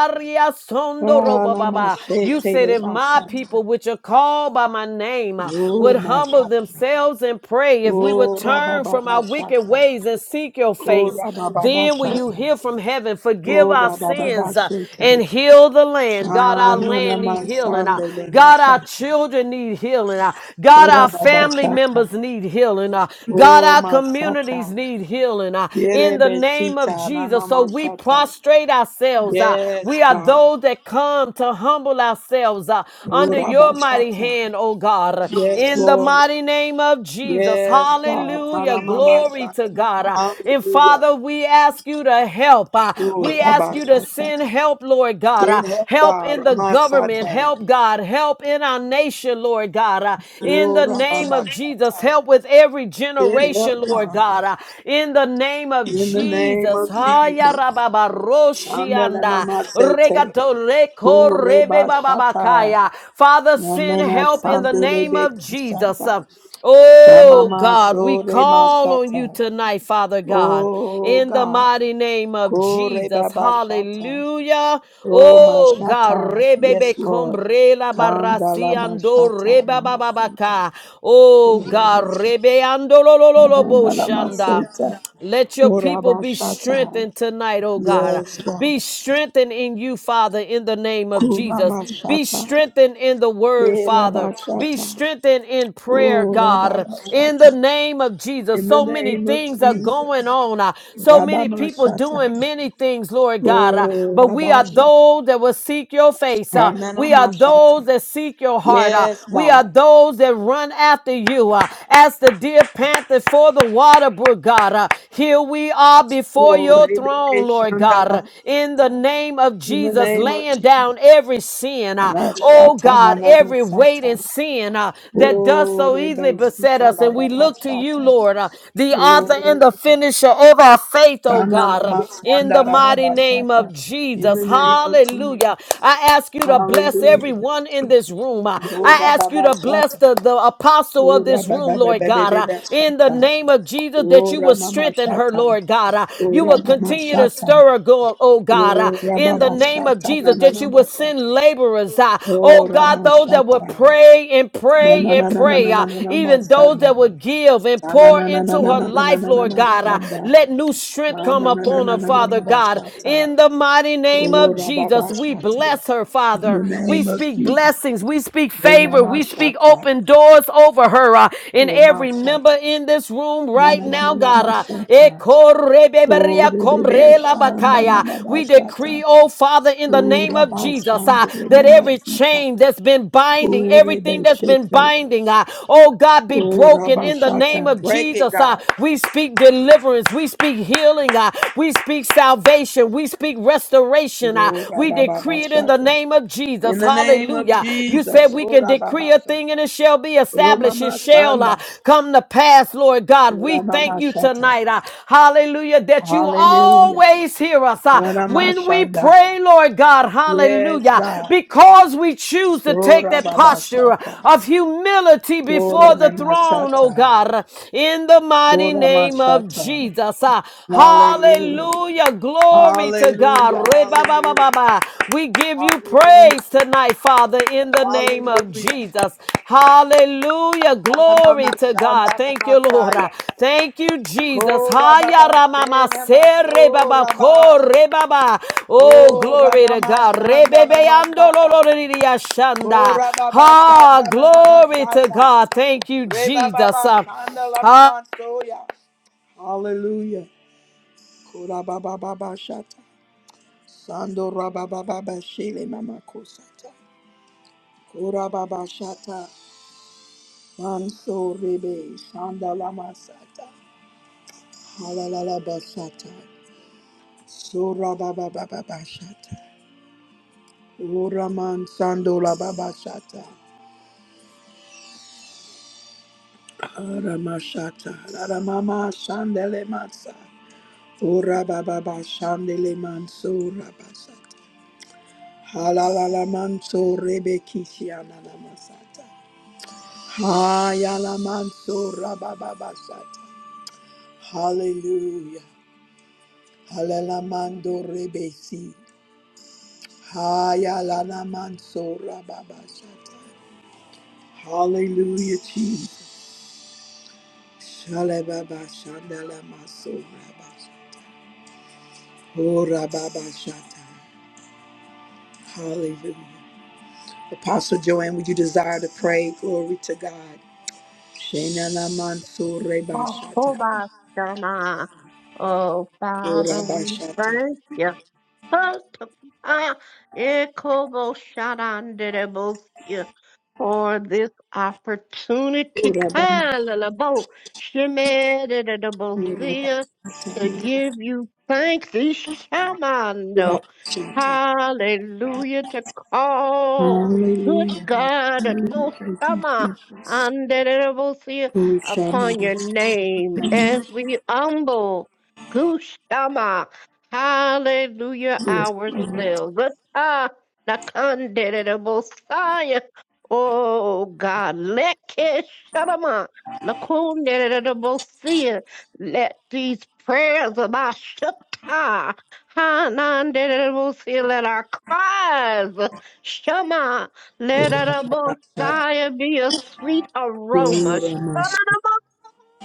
ala You mashete said, le if my masata, people, which are called by my name, uh, o would humble masata, themselves and pray, if we would o turn rababa from our wicked shata, ways and seek your o face. rababa Then will you shata, hear from heaven, forgive o our rababa sins uh, and shete, heal the land. God, our shanana land need healing. Uh, masande le God, our masata, children need healing. Uh, o God, our rababa family shata, members need healing. Uh, God, o our masata, communities need healing. Uh, yele in the name of besita, Jesus. nama So we Shata. prostrate ourselves. Uh, yes we are God, those that come to humble ourselves uh, o under your rababa mighty shata. hand, oh God. Yes, In the Lord. mighty name of Jesus. Yes, God. Hallelujah. Panamama Glory to Shata. God. Uh, And Hallelujah. Father, we ask you to help. Uh, Oh, We ask Rabba you to Shata. send help, Lord God. Uh, Send help, Help God. in the Rama government. Shata. Help, God. Help in our nation, Lord God. Uh, In Oh, the Rabba name of Jesus, Shata. help with every Send generation, help, Lord God. God. Uh, In the name of In the name Jesus. of Haya Jesus. rababa Shandele roshianda. Mama Sete. Regato reko Oh, rebe Reba Shata. bababakaya. Father, send Namena help in the Sandele name of Beki Jesus. Shata. Uh, Oh Shamama God, we Sore call on you Mashata. tonight, Father God, Oh, in the God. mighty name of Kore Jesus. Baba Shata. Hallelujah. Oh, Oh God, Mashata. Yes, rebebe Lord. combre la Kandala Mashata. reba Namasita. bababaka. Oh Kula God, Basha. rebe ando lo lo lo lo Nandala shanda. Masita. Let your Ora people be Bashata. strengthened tonight, oh God. Yes, God. Be strengthened in you, Father, in the name of Kula Jesus. Be Mashata. strengthened in the word, Ela Father. Be Bashata. strengthened in prayer, Ora God, in the Bashata. name of Jesus. In the So many name of things are Jesus. going on. uh, So Rabba many people doing Mashata. many things, Lord God. uh, Oh, But we are Rabasha. those that will seek your face. uh, Anana We are Mashata. those that seek your heart. uh, Yes, We are God. those that run after you you uh, as the deer panteth for the water, God. Uh, here we are before Oh, your Rebebe throne, Lord Shandala God, uh, in the Mashata. name of In the Jesus, name of laying Jesus. down every sin, uh, oh Rashata God, manado every weight sata. and sin uh, that does Oh, so easily rebe beset sita us. la And we baba look to you, sata. Lord, uh, the author Oh, and the finisher of our faith, oh sana la God, uh, in the masanda la mighty baba name sata. of In Jesus. the name of Jesus. Hallelujah. I ask you to bless Hallelujah. everyone everyone in this room. Uh, Oh, I ask you rababa to bless sata. the, the apostle Oh, of this room, rababa Lord God, uh, in the sata. name of Jesus, that Oh, you will ramama strengthen her, sata. Lord God. uh, Oh, You will ramama continue to sata. stir her, go, oh God, uh, Oh, in the rababa name of sata. Jesus, that Nanana you will send basata. laborers, uh, oh Oh, God, those that will ramashata. pray and Na pray na and na na na pray, na na uh, na na even those that masada. will give and Na na pour na na na into na her na na na life, na na Lord na God. uh, shanda. Let new strength Na come na na na upon na her, na na Father na God, basata. in the mighty name name Oh, of Jesus, we rababashata. bless her, Father. In the We name of speak Jesus. blessings. We speak Rema favor. We speak mashata. open doors over her uh, in Oh, every mashata. member in this room Na right na na now, na na God. uh, mashata. Oh, rebebe shanda na na We basata. decree, oh Father, in the Oh, name of Jesus, uh, rabashanda rema that every masita. chain that's been binding, Oh, everything rebe that's been shete. binding, uh, oh God, be Oh, broken in the name rabashata. of Break it, Jesus. uh, God. we speak deliverance. We speak speak healing. uh, We speak salvation. We speak restoration. uh, Oh, We decree it in the rababashata. name of Jesus. In the name of Hallelujah. You said Jesus. we can Ora decree baba a thing and sata. it shall be Roma established. It shall uh, mashanda. come to pass, Lord God. We Ora thank mama you sata. tonight. uh, Hallelujah. That you Hallelujah. always hear us uh, Ora when we mashanda. pray, Lord God. Yes, Hallelujah. God. Because we choose to take Ora that baba posture sata. of humility before Ora the mama throne throne, oh sata. God, in the mighty Ora name of mashata. Jesus. Ah, Hallelujah. Hallelujah. Glory to God. Hallelujah. Hallelujah. Re-ba-ba-ba-ba-ba. We give you Hallelujah. praise tonight, Father, in the name of Hallelujah. Jesus. Hallelujah. Glory Alamama to God. shanda Thank you, Lord. Ah, masaya. Thank you, Jesus. Haya Korababa ramama sena se re-ba-ba, ko masora re-ba-ba. Oh, Oh, glory to Ramama God. Sandala Re-be-be-ando lo lo Masata. lo lo lo Oh, Rababa Ah, Satana glory to Manasata. God. Thank you, Reba Jesus. Baba Uh, Sandala ah, Mama Soya. Hallelujah. Kurababa baba Shata. Sando Rababa baba Shele Mama Kosata. Kurababa Shata. Manso Rebe Sandala Masata. Halalala Basata. Sura Baba Baba Shata. Uraman Sandola Baba Shata. Aramashata, Aramama Shandele Matsa, Ura Baba Shandele Manso Rabasata, Halala Manso Rebekishiana Namasata, Hayala Manso Rababasata, Hallelujah, Halalamando Rebesi, Hayala Manso Rababasata, Hallelujah, Jesus, Shalababa Shandele Maso Rabasata. Ora Baba Shata. Hallelujah. Apostle Joanne, would you desire to pray? Glory to God. Shena la manso reba shata. Oh, Ora Father, ba we shata. thank you. Hot- ah, ekobosharanderebosia. for this opportunity, Ora ba ma- Kalalabo, ora ba Shemedadadabosia, to shata. give you thanks, Ora ba Ishamando. shata. Hallelujah, to call good Hallelujah. God at Hallelujah. Thank you, Moshama. Jesus. Andedadabosia, Ora shama upon your name as we humble Gushama. Hallelujah, ourselves. Ah, the Oh God, let Keshanama Lakunderedabosia, let these prayers of our Shata, Hananderedabosia, let our cries, Shema, let our ba shata. Bosiah be a sweet aroma. Ora ma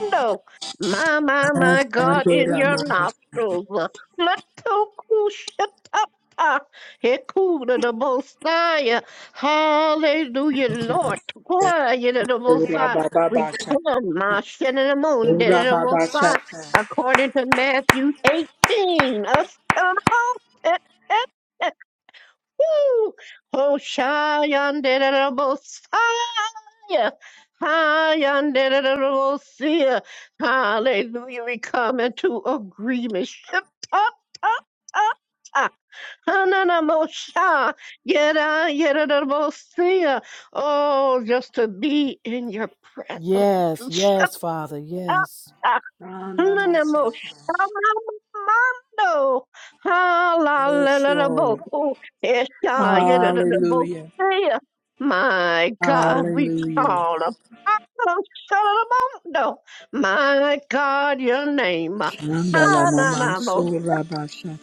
No, my, my, shata. my God, in Ora your ma ma- nostrils. let's Latokushatapa, Hekuda the Mosiah. Hallelujah, Lord. Quiet the ora Mosiah. ba ba We ba shata. come, my shin in the moon, did Ora the ba ba Mosiah. shata. According to Matthew 18. us- uh, Woo! Hoshayanderabosaya. Hayanderabosaya. Hallelujah. We come into agreement. Ship up, up, up. up. Hananamosha. Yera, yerabosaya. Oh, just to be in your presence. yes, Ship yes, Father, yes. up. Ana ma Hallelujah. shata. Shamamando. Yes, Lord. Hallelujah. Hallelujah. Eshayelelelebosia. My God, we Hallelujah. call upon Shamamando. My God, your name. shandala Hananamo mamansura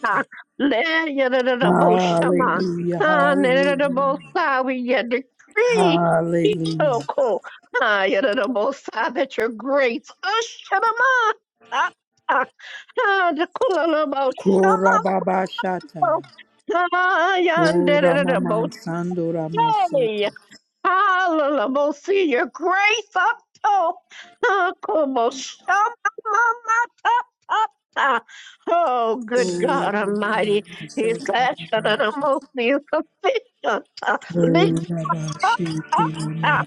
Ah, let your little boss shama. Hallelujah. Ah, let your little boss Hallelujah. sigh with your decree. He so Hallelujah. cool. Ah, your little boss sigh that your grace. Oh, shama. Ah, ah, ah, the cool little boss Kura shama. baba shata. Ah, yonder Kura little maman sandura boss. masuta. Hallelujah. We'll see your grace up to uh, come on, shama, mama, ta, ta, Oh, good Kura God maman Almighty. His sandura asking and I'm masuta. going to be sufficient. uh, Make Kura up, bashiti uh, maman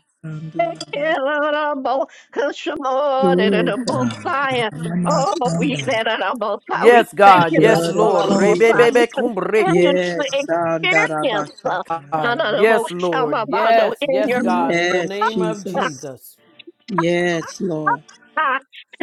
make sandura it masuta. honorable, uh, Shimon and Kura the maman sandura. Messiah. Oh, we that are the Messiah, we Yes, thank God. you now, Yes, Blood for of Lord. the Messiah. We Jesus. Rebebebekumbrekah. continue Yes, to experience uh, Sandarabashata. honorable Yes, Shama Lord. Bando Yes, in yes, your God. In the Yes, name of Jesus. Jesus. Yes, Lord.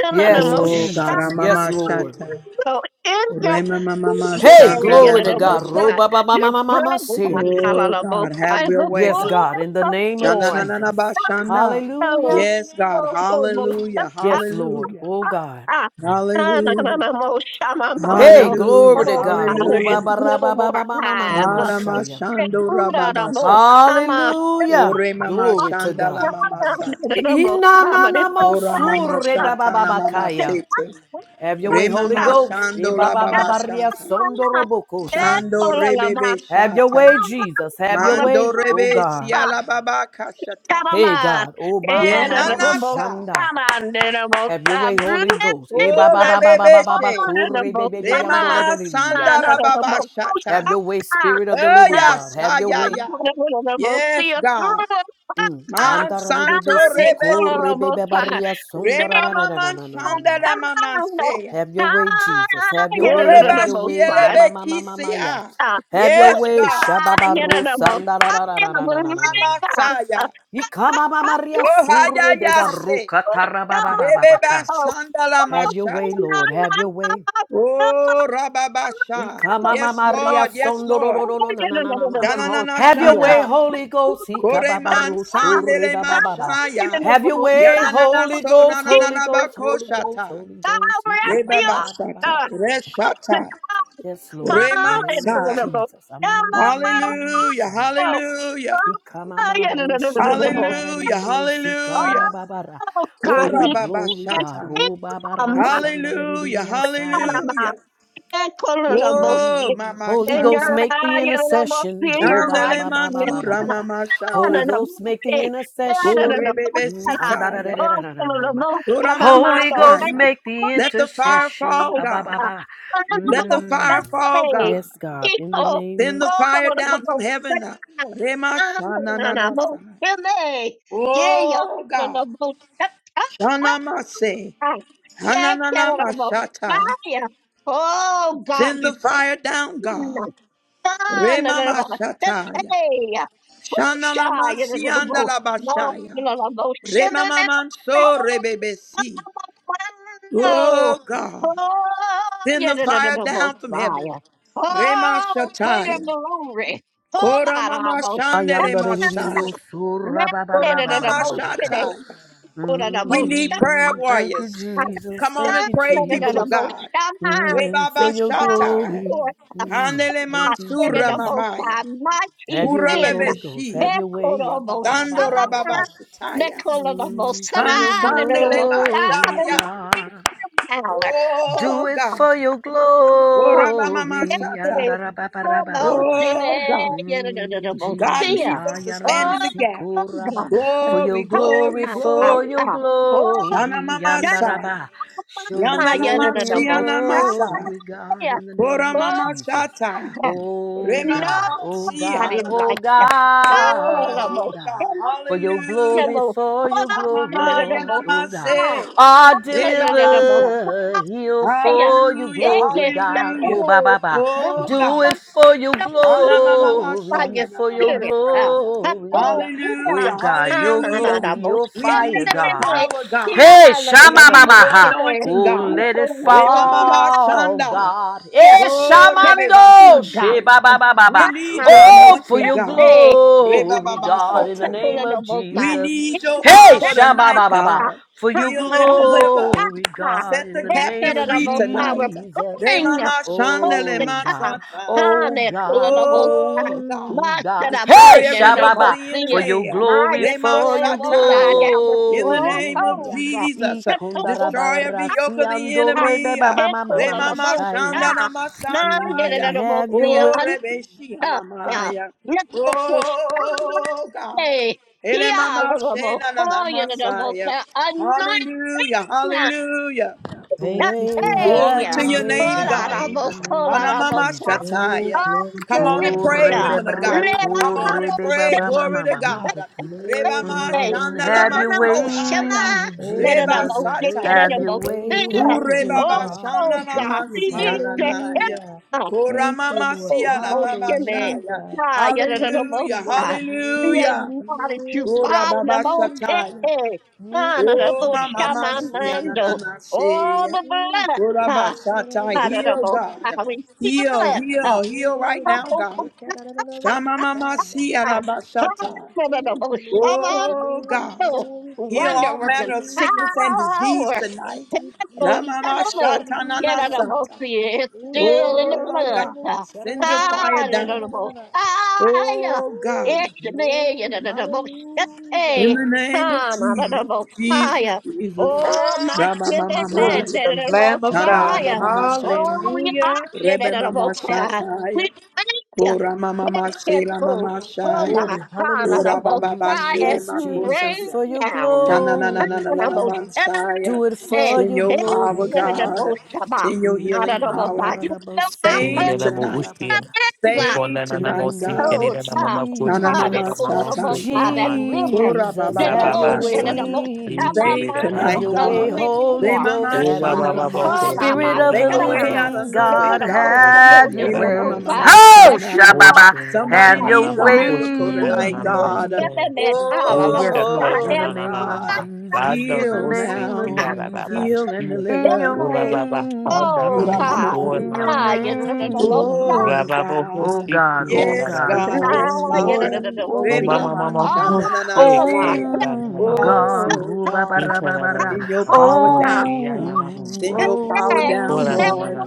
Yes, Oh, God, Jesus. ah, Yes, Mama Lord. Shata. so in your Rema Mama portion Hey, area, Shandala glory to the Mama God. most high, Shata. your Robababamamamamasi. presence, Oh, hallelujah, God, have is your the way, Yes, God. God. fullness In the of name of Shana joy. na na na ba Jesus. shanda. So, Hallelujah. Yes, God. so, so, most Hallelujah. high, Yes, Lord. Hallelujah. Oh, God. Ah, na, na, na, Hallelujah. na, mo, shama, Hey, mondo. glory Hallelujah. to Oh, God. Father, it's Hallelujah. little more eyes. Uh, Arama Ro-ba-ba-ra-ba-ba-ba-ba-ma-ma-ma-ma-shaya. Shando Ooh, da, da, Rababa mo, Shata. come on. It's Hallelujah. Ore Mama not- Glory to Shandala na, God. Mama na, Shata. na, na, na, mo, come on. It's a Ora Mama cry. Shata na Mama Ina-na-na-mo-su-re-ba-ba-ba-ba-kaya. Sete. Have your way, Holy Remama Ghost. Shando la baba Santa. E-ba-ba-ba-ba-ria-son-do-ro-bo-ko-saya. Shando rebebe Have your way, shata. Jesus. Have your Mando way, oh rebe God. siala baba kashata. Hey, God. Oh, Ye nanasa. ma-ma-ma-ma-ma-shanda. Have your way, Holy Ghost. E-ba-ba-ba-ba-ba-ba-ba-ba-kure-be-be-be-yandoro-re-re-re-re-yasha. ba O ba ba ba ba ba ba rebebe ba ba she. kore be be be yando re re Remama re re sanda yasha. la baba Have shata. your way, Spirit of the Oh Living ya God. Have sa your ya way. ya. See Yes, you God. Mm. Man santo Andaralebe rebesi. sikorebebe through. Rema maman I shanda la maman don't know. seya. Have your way, Ah, Jesus. Have your you know, way. the Oreba Have the your most way. part. shielebe Yamamamamamaya. kisea. Ah, Have your Yes, whoosh, way. God. ah, you know, Shababaru. the most part. You know, the living sandarararararararararama. God. Ah, Amasaya. ah, ah, ah, Ikamamamaria Oh, whoosh, surebeba hayayase. ah, Rebeba rukatarabababaca. oh, sandala oh, Have your way, oh, mashata. na, Lord. na, Have na, your na, way. na, na. Oh, rababasha. Yes, Ikamamaria Lord. Yes, Lord. Oh, sondorororo na you na know, na na the the- ma. the most, Dananana Have your yeah. way, shanta. Holy Ghost. Koreman Ah, ah, Ikababarosore sandele ba ah, you mashaya. know, Have the your most way, part. Yananana Holy so Ghost, Holy nananana Ghost, Holy Ghost, bakoshata. Holy Ah, Ghost. we're after Rebeba you. shata. Ikabababababakata. Oh Reshata. Yes, Lord, in the name of Remansa. Jesus. Hallelujah. Amamamamamamamashaya. Hallelujah. Hallelujah. Ikamamarusandararariririo Hallelujah. sikarababara. For God, your we glory, can't God. Korababashata. Hallelujah, Robabarasandaririririasaya. hallelujah. Ekololobosi. Oh, Mm, Mama Holy Then Ghost, Shanda. you're make the right, Ekololobosi, intercession. Oh, you're ba ba right. Shandele ba ba ba ba ba ba. Mansura ga. Mama Holy Shanda. Ghost, make the Ekololobosi, Ekololobosi. intercession. Korebebe Mm, am, da, da, da, Sitaya. da, da, da, da, da, ma. Ekololobosi, Ora Mama, Mama Holy oh, Ghost, thank you. Shanda. make the Let the fire intercession. fall, Ah, Ekololobosi. ba ba God. ba. Let the Mm. fire fall, God. Yes, God, in the Eko, name Send of the fire down from Ekololobosi. heaven. uh, Rema Shana Nanasai. Ekololobosi. Yay, Oh, God. Ekololobosi Shana Mase. time. Take care Hananana of the Mashata. fire. Oh God, Send we the pray fire down, in God. the Son of Rema the Mashataya. Hey, Pusha, you know, the book. No, you Shanalamashiandalabashaya. know, the book. Shimmy, me, me, Remamanso me, me, me, me, rebebesi. me, me, me, no. Oh God, Oh, send you the know, the fire the book down from heaven. fire. Rema Oh, freedom and Shataya. glory. Oh, my kora God, mama oh, I am that's shandele the what I'm masai. like. Man, kora you know, the mama book today. shataya. Oh, the We boat. need prayer Thank you, warriors. We Jesus. Come on Thank and you, call pray, people of Jesus. God. Mm, for your Rebabashataya. glory. forth a God, Mm, Handele thank you, that mansura a Jesus. most mamaya. mighty Have your way, men. Holy Ghost. Have Kurababeshi. your way. Ya ba Ekorobosama, ba ba ba Dando ba ba cool. rababashataya. Mm, for your Nekolobosana, Mansandele Nekolobosama, glory, the Mashaya. mighty God. valor. Do Oh it God. for your glory. And Orabamamashata. Definitely, ra-ba-ba-ra-ba-ba-ba-ba-ka. Promotion, Oh God. Mm, God Jesus, needs ah, us to ya ra ma stand Oh, in the si gap. ko ra ba. God. for Glory, your Ha, glory, glory, ha, ha, for glory. your ha. Oh, God. Shana glory, mama and Oh, ra sai. ba. show your Fire Yana and mama glory, the your most shiana masa. glory, God, high. in the name Ora of Oh, mama Jesus. shata. God. Re Oh mama God, oh God, shiana. Nobody oh like him. Fire and God, the oh Oh most God, God, high. for your Fire and the hallelujah. glory, most for your Shama glory, high. Fire mama and the Lord, yana most oh God high. mase. are Re Fire and baba the most sa. delivered. high. Heal for you, Hallelujah, glory, Eke God. Oh, hallelujah. ba, ba, kato. ba. Oh Do God. Mwana it for your moved by Anamamamasa, glory, your for your spirit. anamamamasa. uh, glory. Kato kuda. Oh, Hallelujah, God, your Hana na hallelujah. na glory, most your We fire, need your God. high. power, God. Hey, Fire We Shama need Mama. your ha. anointing, Oh, and God. let it the most high. fall, Remamamasanda. God. Yeah, Hey, Oh, Shamando. very God. She, ba, rebebasataya. ba, ba, ba, We ba. need your Rakanabo, Oh, for anointing, your God. hey, in the glory, God, world, in the the Rebababasataya. name of Kulanabo, We Jesus. in need your the Hey, power Shama tonight, Baba God. for your Heal and Rakanabo, deliver. glory, God, Set in the the that name captive of free Kanabo, we're tonight. Jesus. Ah, pulling, Remama shandele Oh Hosaka, God, matsataya. oh Hane, God, Kulanabo, Oh God, oh God. Master of Hey, destroy every yoke of Andanabo, Shababa, the for your enemy. glory, Maya, Rema for your Kulanabo, sataya. down the In the name glory. of Jesus, stronghold, destroy every yoke of Ikondarabarasia, the Ah, enemy. ndorebeba, Mama, Mama, Hekola Mama, Remama Babosa, Shaya, shandala Mm, masataya. Have you? Nandirabosia, Oh rebeshi Antaka, anamaya. Nekokushane, Oh God. Ele Elemama shena na na Hialabosia, masaya. Nabosia, Hallelujah, Anointina, hallelujah. your Thank you, way, Jesus. Glory have Tapea, to your your way, name, Hallelujah. God. God, Thank in the you, God. name Polarabosola, of Hanamama Rabosa, Jesus. Oh, Shataya. glory to Come your on and Oh, name, oh pray, Altarista, God. rebe women of bria God. ko, Come Hallelujah. on and rebe ba pray. Lerabosia, ba Thank ma you, Glory ma to ma ma. God. Jesus. Reba Glory. ma Mm, Hallelujah. shandala Have ma Thank your you, way, God. Nanamosama, sataya. Oh, Reba God, Jesus. you're Nerabosia, sata. worthy of Have the your Nerabosia, praise. way, have your way, Kureba ba Hallelujah. God. Oh shandala Thank ma you. Have- God, siyananaya. Hallelujah. Thank Kurama you, ma Lord. siyala baba Moshimi. shaya. Hallelujah. Ah, Thank you, Hallelujah. Lord. yadadamosa. We Hallelujah. Glory, acknowledge you, glory. Father, Kuraba the ba most Hallelujah. sataya. Motete. Thank you, Oh, Honorable mama Jesus. ma Thank you, Lord Shamamando. God. siyananana All seya. the Ooh, blood. shiki Ah, da da da da Kurabasata, ah, heal, most God. high. sataya. We feel Heal, it. Ooh, Ah, heal, heal right now, glory, God. shiki da da da da da sataya. Shamamamasia rabasata. Ooh, glory, Oh, glory, God. glory, Heal glory. Wonder all working manner of Hallelujah, sickness and God. disease power. tonight. Thank you, Tentacles, Jesus. tentacles. Ramamasata Yeah, that Hallelujah. almost nanasata. is Ooh, still shiki in da the da da da Oh, da blood. da God. da Ah, shada da Send da your da da da fire da that da da down. da da almost da. fire. Oh, Ooh, God. It's me, glory, yeah, that almost In hey. the hallelujah. name of Ah, that Jesus, almost Jesus, fire. Jesus. Oh, my goodness, man, Glory to Ramamamamai. the that almost Lamb of God. fire. Oh, Shandalamamasata. we are Hallelujah. Hallelujah. shit, that almost fire. We Rebeba thank Ora mama masela you. mama Oh my shaya. God, Glory, I'm hallelujah. Ora about to baba Mm, cry as basela Yes, you Jesus, makosaya. for rain your down. Shana na na na I'm na glory, na gonna na go God. shut up mansaya. Do it and for Send your your head. glory, power, Thank I'm gonna you, God. go God. shut up. Send your Not healing at Mm, all, power. but you handarabo, know how so to Save Kenidana reba bo ba ba tonight. ba. ushia. ka. ever Save Upona na Uponana In the tonight, Namosi, name God. Oh, of Kenidana God, Mama Shana Kushi, God, Dana it mama Jesus, Mama called the Mosi, most shatai. high, that Mamande, river, Ora Jesus, baba that the La have your moon, that Babasto, the bashataya. most high, way. my Save mind Have tonight, your Richeridana, of way, God. living Holy waters. Ghost, Remama have Uba your way. Baba Oh, shandalamaya. my, Bokoshi, Spirit my, of Dana the Make shut a na up, na way man. Mama out of living no Sita, That God, way, the most, the God. Moshi, have moon, that your dia na Really, the na most mama way. high, mama Bosai, Oh that you shandaya. Ushi Shababa, na na Somebody have needs your a are. miracle Ku tonight, Anana, way. God. Ebenet Yes, Halalabosha Lord, in the and Oh, name of God. Oshakanana, Jesus, Banda in the Heal Rosi, name of now. Diana Jesus, Heal and Babashi, Hey, in your deliver. Ura Baba name, Kanda oh Ora Lama, God, Jesus, mama. in na your ah, you na. know, yeah, Oh name. Rababo Oh God, Hosi God, oh yes, God, God, Kudarabam. yes, now oh, you know, Lord. O yeah, Mama Remaman Mama oh oh, oh, shananana Hoshi my Kai say, goodness, ah, get back, you oh God, Danarabasi. Oh ruba God, bara bara, send your Ikarabama power down, Hoshi Yananaman. oh, send your oh, power down, Kora know, Lord. oh.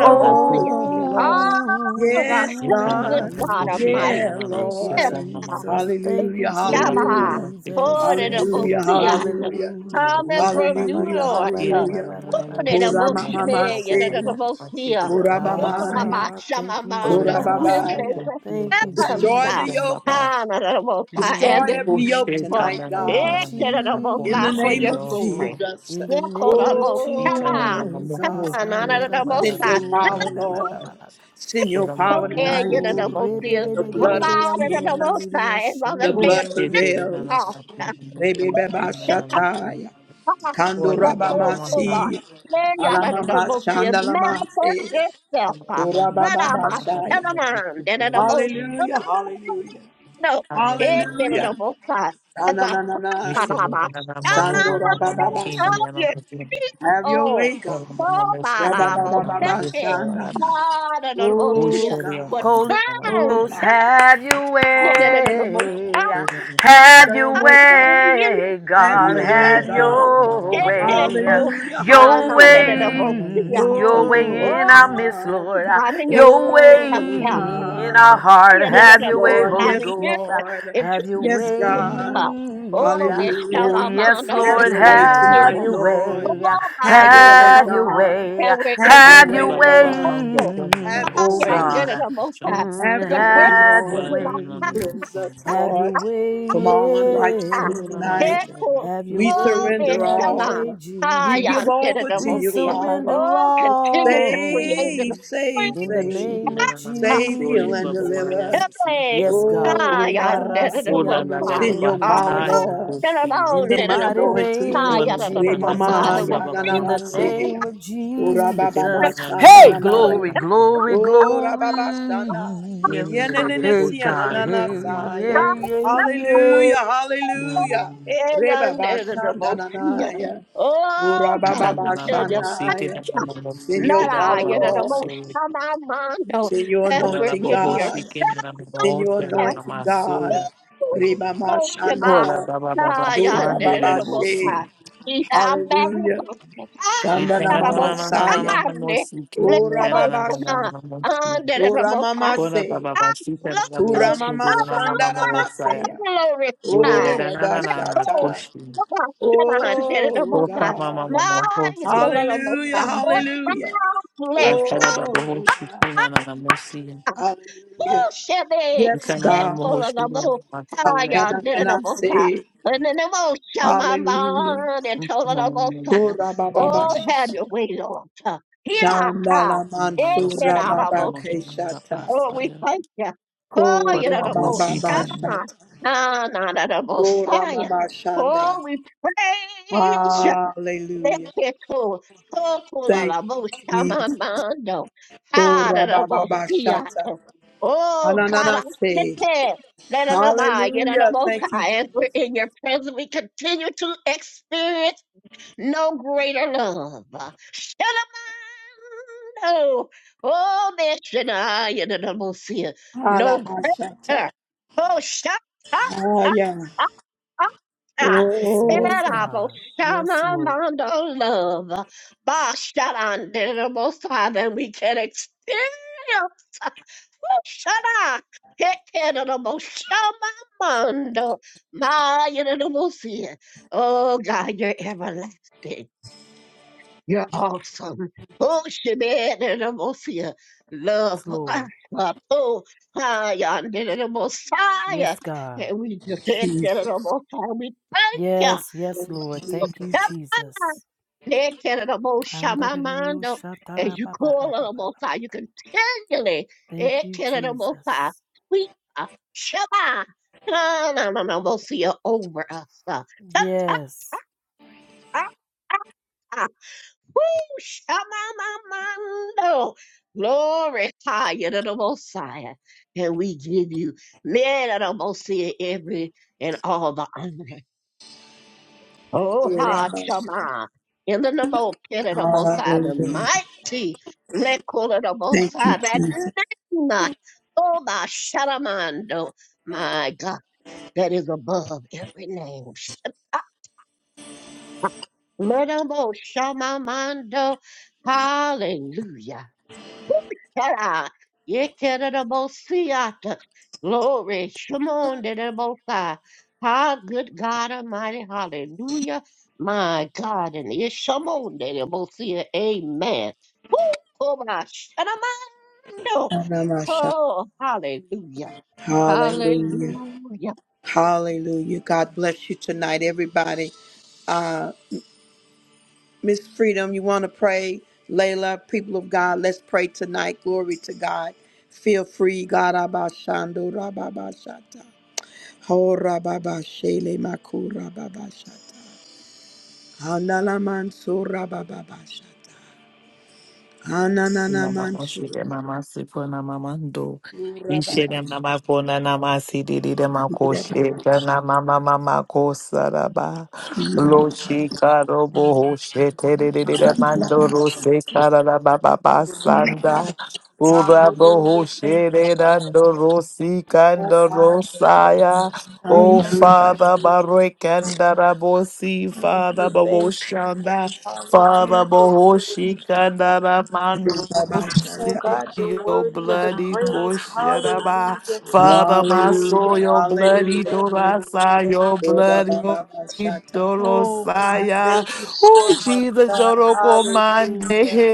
Oh, yeah, Hoshia. Lord, oh my yes, good God, Ikanana God Hoshi Almighty, yeah, Yananan thank you, Lord. Sekomamande. Jesus. Thank you, Hallelujah, Kora Shama, hallelujah, Nanana Sikin Jesus. horrible hallelujah, Hoshi fiat, hallelujah, Hallelujah. coming Oh, ba, from ba, ba, New hallelujah, ra, ba, York, ba, ra, ba, hallelujah. ba, ra, ba, ba, ba. horrible Koramamama shmee, say, horrible fiat. Korabamaya. Ah, Yananan. thank you, Shamamando, who is Jesus. Korababaya. making Thank you, heavens, Destroy the Jesus. yokes. honorable and Destroy this every Oh yoke shit, na book, Mm, tonight, na na na thank na you, na God. na na incredible kung In the God na for may name your of niyo Jesus. sa glory. pagkakas. Jesus. In the name of Incredible Ita na Shama, mama Oh, mo Jesus, po, God. shit, honorable manda Send na God, your na na na power, Hayarabasuri Baba Baba Lord. na. Baka. Send your Wala power mama mo okay, shit, tonight. na na honorable na Rebe na fiat, The na Bebe na Bebe na blood of na. Bebe remind honorable Jesus. Andororiria God, and on the The Oh day blood of shit, na na na na prevails. na na Pentecost. na na na na. Rebebebashataya. Ah, Wala mama mo Lekokoba, na. Kandorabamasi. Alamama Neyadadabokia, Manifest shandalamase. yourself. Wala ah. na na na na Let out my na Korabababashaya. and na an na emotion. na Hallelujah, hallelujah, No, it Hallelujah, can an hallelujah. God. emotion. Let the You fun Ananananaya. of my na na na am a whole Sando one, element i rabababasha. na a king, Have your Oh, way, God. oh, my element. Rababababasha nana. God and an Oh emotion. God. But Holy turn Oh Ghost, God. have your Call and out an the prayer. way. Have Stir your 'em up, God. way. Have Oh, God, your way, have God. your way. Hallelujah. Your Hallelujah. way. Your Oh way in our midst, God. Lord. God, in your Your Oh house, way in our God. heart. Yes, Have your way, Lord. Holy Yes, Ghost. Lord. it's Have your Yes, God. way. Oh, this time Oh, Hallelujah. I'm yes, on the Have with Lord. your way thanksgiving Have tonight, your now. Lord. way. Oh, my, Have you your know, the way, Have most your high. God. way. And we're in Have your your Have Anda way, your baba Lord. temple. bahando Oh, kona way. Have na your Oh, you know, way, sidi Lord. ni God. the most high. mchans. With Have Mm, the your praise way, have your of Lord. Ora na our na na way. na na heart. Cleanse us, na. Have your Lord, way, from all Ah, Ora unrighteousness na na na yes. tonight. na Echo, Have your We oh, way, surrender have your Bechama, way, all. We give Jesus. Hayan, over na. to We you, Dedamosi, Father. surrender oh, continue to create the. all Save, and bring save, in the name save, of up save, heal, and deliver. Jesus. every Yes, God. Oh Hayan, God, Ola la Dedamosa, baba send your ah, power, bataya Obarasiandorororororiasha. Lord. kosi. In Dedamon, the Send the mighty Dedamu, anointing. name of Ola Hayan, la Re la la Dedamosa, mama the Jesus. koma will ya na baba na In the na se matando. ya. name of Ora baba Depende ma na Jesus. na sha na Hey, na na matando glory, ya. ya si. glory, Ora baba sha glory. Nini Ya ni na la na na Hey, si ya buhocha na God. na kana na Hey, mama sa ya. yeah, matando. yeah, yeah. Hallelujah, hallelujah. Mm. Re baba sha na na na ya. Ora Oh baba God, Mtanga we ma na na tell sha mosite na ya. you. na Send your mosite da Nada, power, baba you know, wa the Lord. most solo. shamamando, Send your Ola every la anointing, in your God. buhoshi kina na Send your mosite na chest, na anointing, masoya. God. Most Ribama oh, Shema. Ola Shanda. baba baba Ah, yonder the handere most Urababashe. high. Be thou Hallelujah. magnified. Kona Shanda Ah, nama the most Masaya. high. Let the most Urababasha. high. Under the most high. Uramamase. baba Ah, basita look na to bosi Uramama de mama Shanda mama some osaya. Namaseya. Yore de glorified. na na na na na Little Urabashata. koshi. ah, under the Oh most Koka high. mama God. mama My equal hosi. of the most Hallelujah. high. More than Hallelujah. flesh. Atara Oh baba God. hoshi kina na na mosi. Hallelujah. Shebe, Yes, Ikana na God. mohoshi na Hekolabo, masira. Hayan, Dedabosa, Ayananase. and then the most Shaman, Hallelujah. and told Mama mama Tolabosa. Kora baba Oh, basha. have mosi. your way, Lord. Hirata, Shandala Mama mosi mansura de mama baba Ekenabo. mosi na la keshata. Oh, we pasaya. thank you. Oh, Kona you are Kora the baba most baba hoshi de. bashata. Shaman, na na na the Kora Messiah. mama shanda. Oh, we praise you. Hallelujah. Leketo, Thank Sokolalabo you, Jesus. Shamamando, Oh, baba Hadarabo bashata. Fiato. Oh God, I Ananana sit say. there. Let it abide, yet it Hallelujah. Thank you. abide. As we're in your presence, we continue to experience no greater love. Shamamando. Oh, Mishnah, yet it abide. No Hala bashata. greater. Oh, Shamamando. Haya. Ah, Yes, Oh, yes, God. Erabo God. Yes, Shana Lord. Mondo Love. Ba Shana Dirabo Father, we can experience. Shana. Hekerabo Shana Mondo. My Yerabo Oh God, you're everlasting. You're awesome. Oh, Shemin and Amosia. Love Yes, us Lord. up. Oh, I and the Messiah. Yes, God. And we just thank you, and the Messiah. We thank you. Yes, yes, Lord. Thank you, God, Jesus. thank you, and the Messiah, my mind, oh. As you call on the Messiah, you Andariyoshatarabababababababaka. continually. Thank eh, you, can the Messiah. Jesus. We are Shema. No, no, no, no, Messiah over us. Yes. uh. Shamamamando. Glory higher to the Messiah. And we give you men of the Messiah every and all the honor. Oh, Kora ha, basha. Shama. In the name of Peter the Messiah, the Hallelujah. mighty Lekola the Thank you, Messiah, that Jesus. name, uh, oh, my Shalamando, my God, that is above every name. Shama- Let 'em all Shamamando. Hallelujah. Kara, yekerabosiata. Glory, Shimon, dedabosai. How good God Almighty, hallelujah. My God, and it's Shimon, dedabosia. Amen. Woo, koma, shanamando. Anamashata. Oh, hallelujah. Hallelujah. Hallelujah. Hallelujah. God bless you tonight, everybody. Miss Freedom, you want to pray? Layla, people of God, let's pray tonight. Glory to God. Feel free. God abashando rababashata. Ho rababashele maku rababashata. Hanala manso rababashata. Hananana Ina mama manso shide mama si kona mama ndo. Ishe de rababashata. mama kona nama si didi de mako shide na mama mama ko saraba. Lo shi karo bo ho she te de de de de mando ro se kara la ba ba ba sanda. Ura bo ho Hallelujah. Thank she you, de God. dando ro si Oh, kando God, ro you're saya. Oh Father, Barekandara Bosi, thank you. Father, Thank you. Baboshanda. Father Hallelujah. Lord. Bohoshi Kandara Mando Oh, see God, you're your worthy of the bloody praise. Kosheraba. Hallelujah. Thank Father you, my Lord. Thank soul, Hallelujah. your you, Lord. bloody Hallelujah. Thank you. Dorasa, your Ora bloody baba shata. Oh, God, Dorosaya. thank you so Oh much, Jesus, God. Joroko Mande Hallelujah.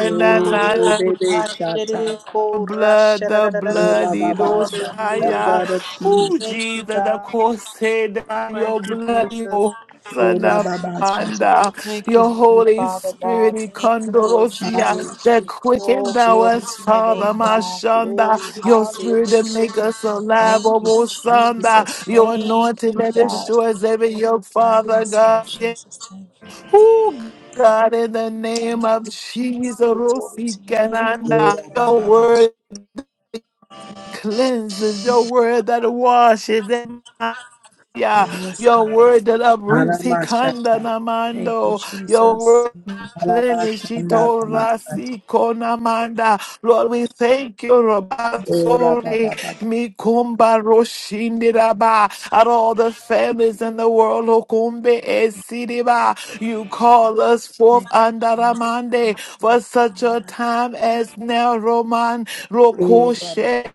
Oh, Glory. baby shata. the Hashiriko blood, the rashadadadada. blood, Ora baba shata. The Idosaya. blood Hallelujah. of Oh, Jesus. Thank you, Jesus, the God. cross, course, Thank your you, blood, Jesus. your Son Ora of baba shata. Idosana. Thank you, Your Heavenly Holy Father, Spirit, God. Thank you, Lord Ikondorosia, Jesus. Hallelujah. that quicken Oh, thou glory us, to your Father, name, God. Mashanda. Glory. Your Hallelujah. Spirit that make us alive, Thank you, Obosanda. Jesus. Your Thank anointing you, that God. destroys every yoke, Father Yes, Lord God. Jesus. Thank you, Lord. Oh, God, in the Thank name of you, Jesus. Jesus, Glory to your name, God. Rosikananda, Ora your baba shata. word cleanses, your word that washes and yeah, Yes, your God. word that uproots Alama hikanda shata. Thank you, namando, your Jesus. word Alama shanda plenishito lama shata. rasi konamanda. Lord, we thank you, Ora Rabasori, baba baba. Mikumba Roshindiraba, at all the families in the world, Okumbe Esidiba. You call us forth Andaramande for such a time as now, Roman Ora baba Rokoshe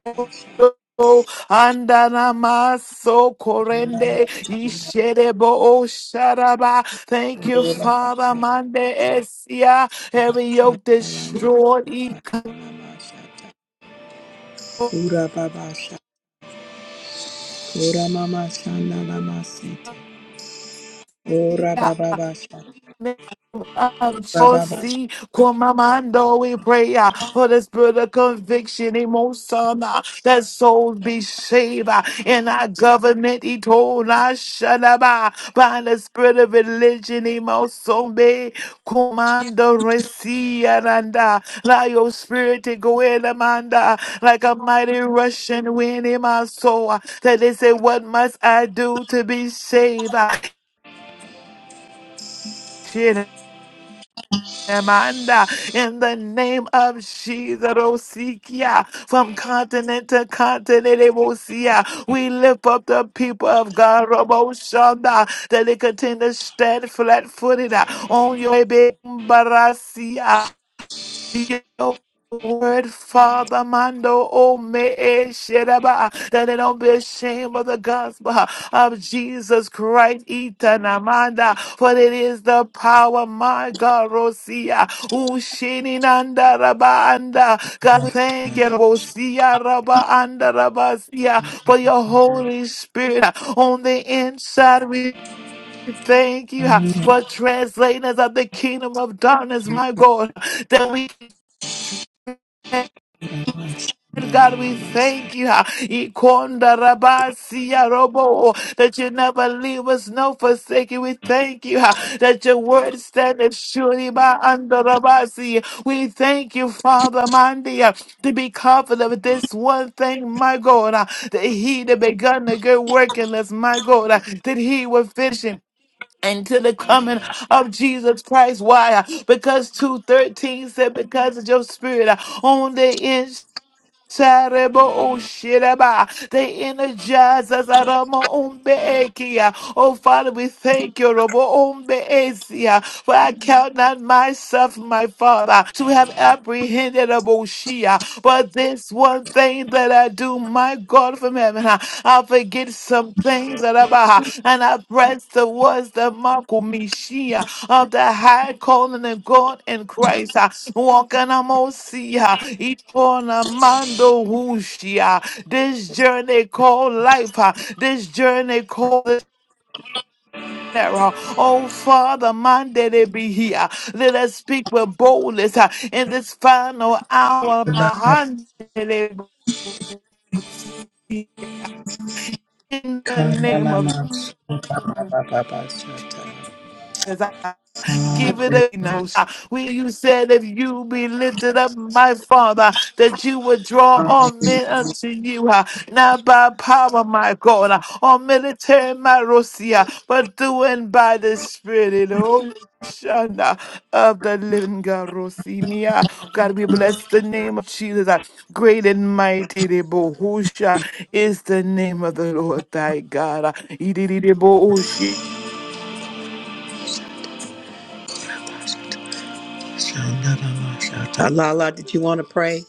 Andanamaso korende isherebo o sharaba. Thank you, Father. Mande esia every yoke destroyed. lama shata. Ora baba shata. Ora mama shanda lama shata. Ora baba baba shata. name of Ora baba Josie Kwamamando, we pray uh, for the spirit of conviction, emotion, uh, that souls be saved uh, in our government, Itona Shalaba, by the spirit of religion, emotion, be Commando Resiananda, allow your spirit to go in, Amanda, like a mighty rushing wind in my soul, uh, that they say, What must I do to be saved? Uh, Amanda, in the name of Jesus, Osikia, from continent to continent, Osikia, we lift up the people of God, Roboshanda, that they continue to stand flat footed on your baby, Barasia your word, Father Mando Ome Sheraba, that they don't be ashamed of the gospel of Jesus Christ, Itanamanda, for it is the power, my God, Rosia, Ushininanda Rabaanda. God, we thank you, Rosia Rabaanda Rabasia, for your Holy Spirit on the inside. We Thank you for translators of the kingdom of darkness, my God, that we God, we thank you ah, Ikonda rabasi, ah, robo, that you never leave us, no forsake you. We thank you ah, that your word standeth surely by under rabasi. We thank you, Father Mandi, ah, to be confident of this one thing, my God, ah, that he that begun the good work in us, my God, ah, that he will finish him until the coming of Jesus Christ. Why? Because 2.13 said, because of your spirit ah, on the inside. Terrible Shiraba. They energize us at Ombeekia. Oh Father, we thank you, Robo Umbeekia. For I count not myself, my Father, to have apprehended Aboshia. But this one thing that I do, my God from heaven, I I forget some things that about and I press towards the mark of of the high calling of God in Christ. uh, Walking amosia, each one a mando hushia. This journey called life, uh, this journey called error. Oh Father, man, did it be here. Let us speak with boldness uh, in this final hour shata. behind it. In the name Lala, of Jesus. give it a nose. When you said, if you be lifted up, my Father, that you would draw all men unto you, uh, not by power, my God, uh, or military, my Rosia, but doing by the Spirit. Oh, Shanda of the living God, Rosinia. God, we bless the name of Jesus. uh, Great and mighty, the Bohusha is the name of the Lord thy God. uh, Idididibo, did you want to pray?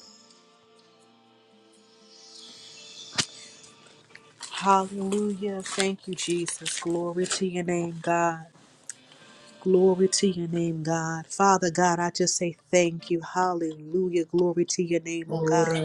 Hallelujah. Thank you, Jesus. Glory to your name, God. Glory to your name, God. Father God, I just say thank you. Hallelujah. Glory to your name, oh God.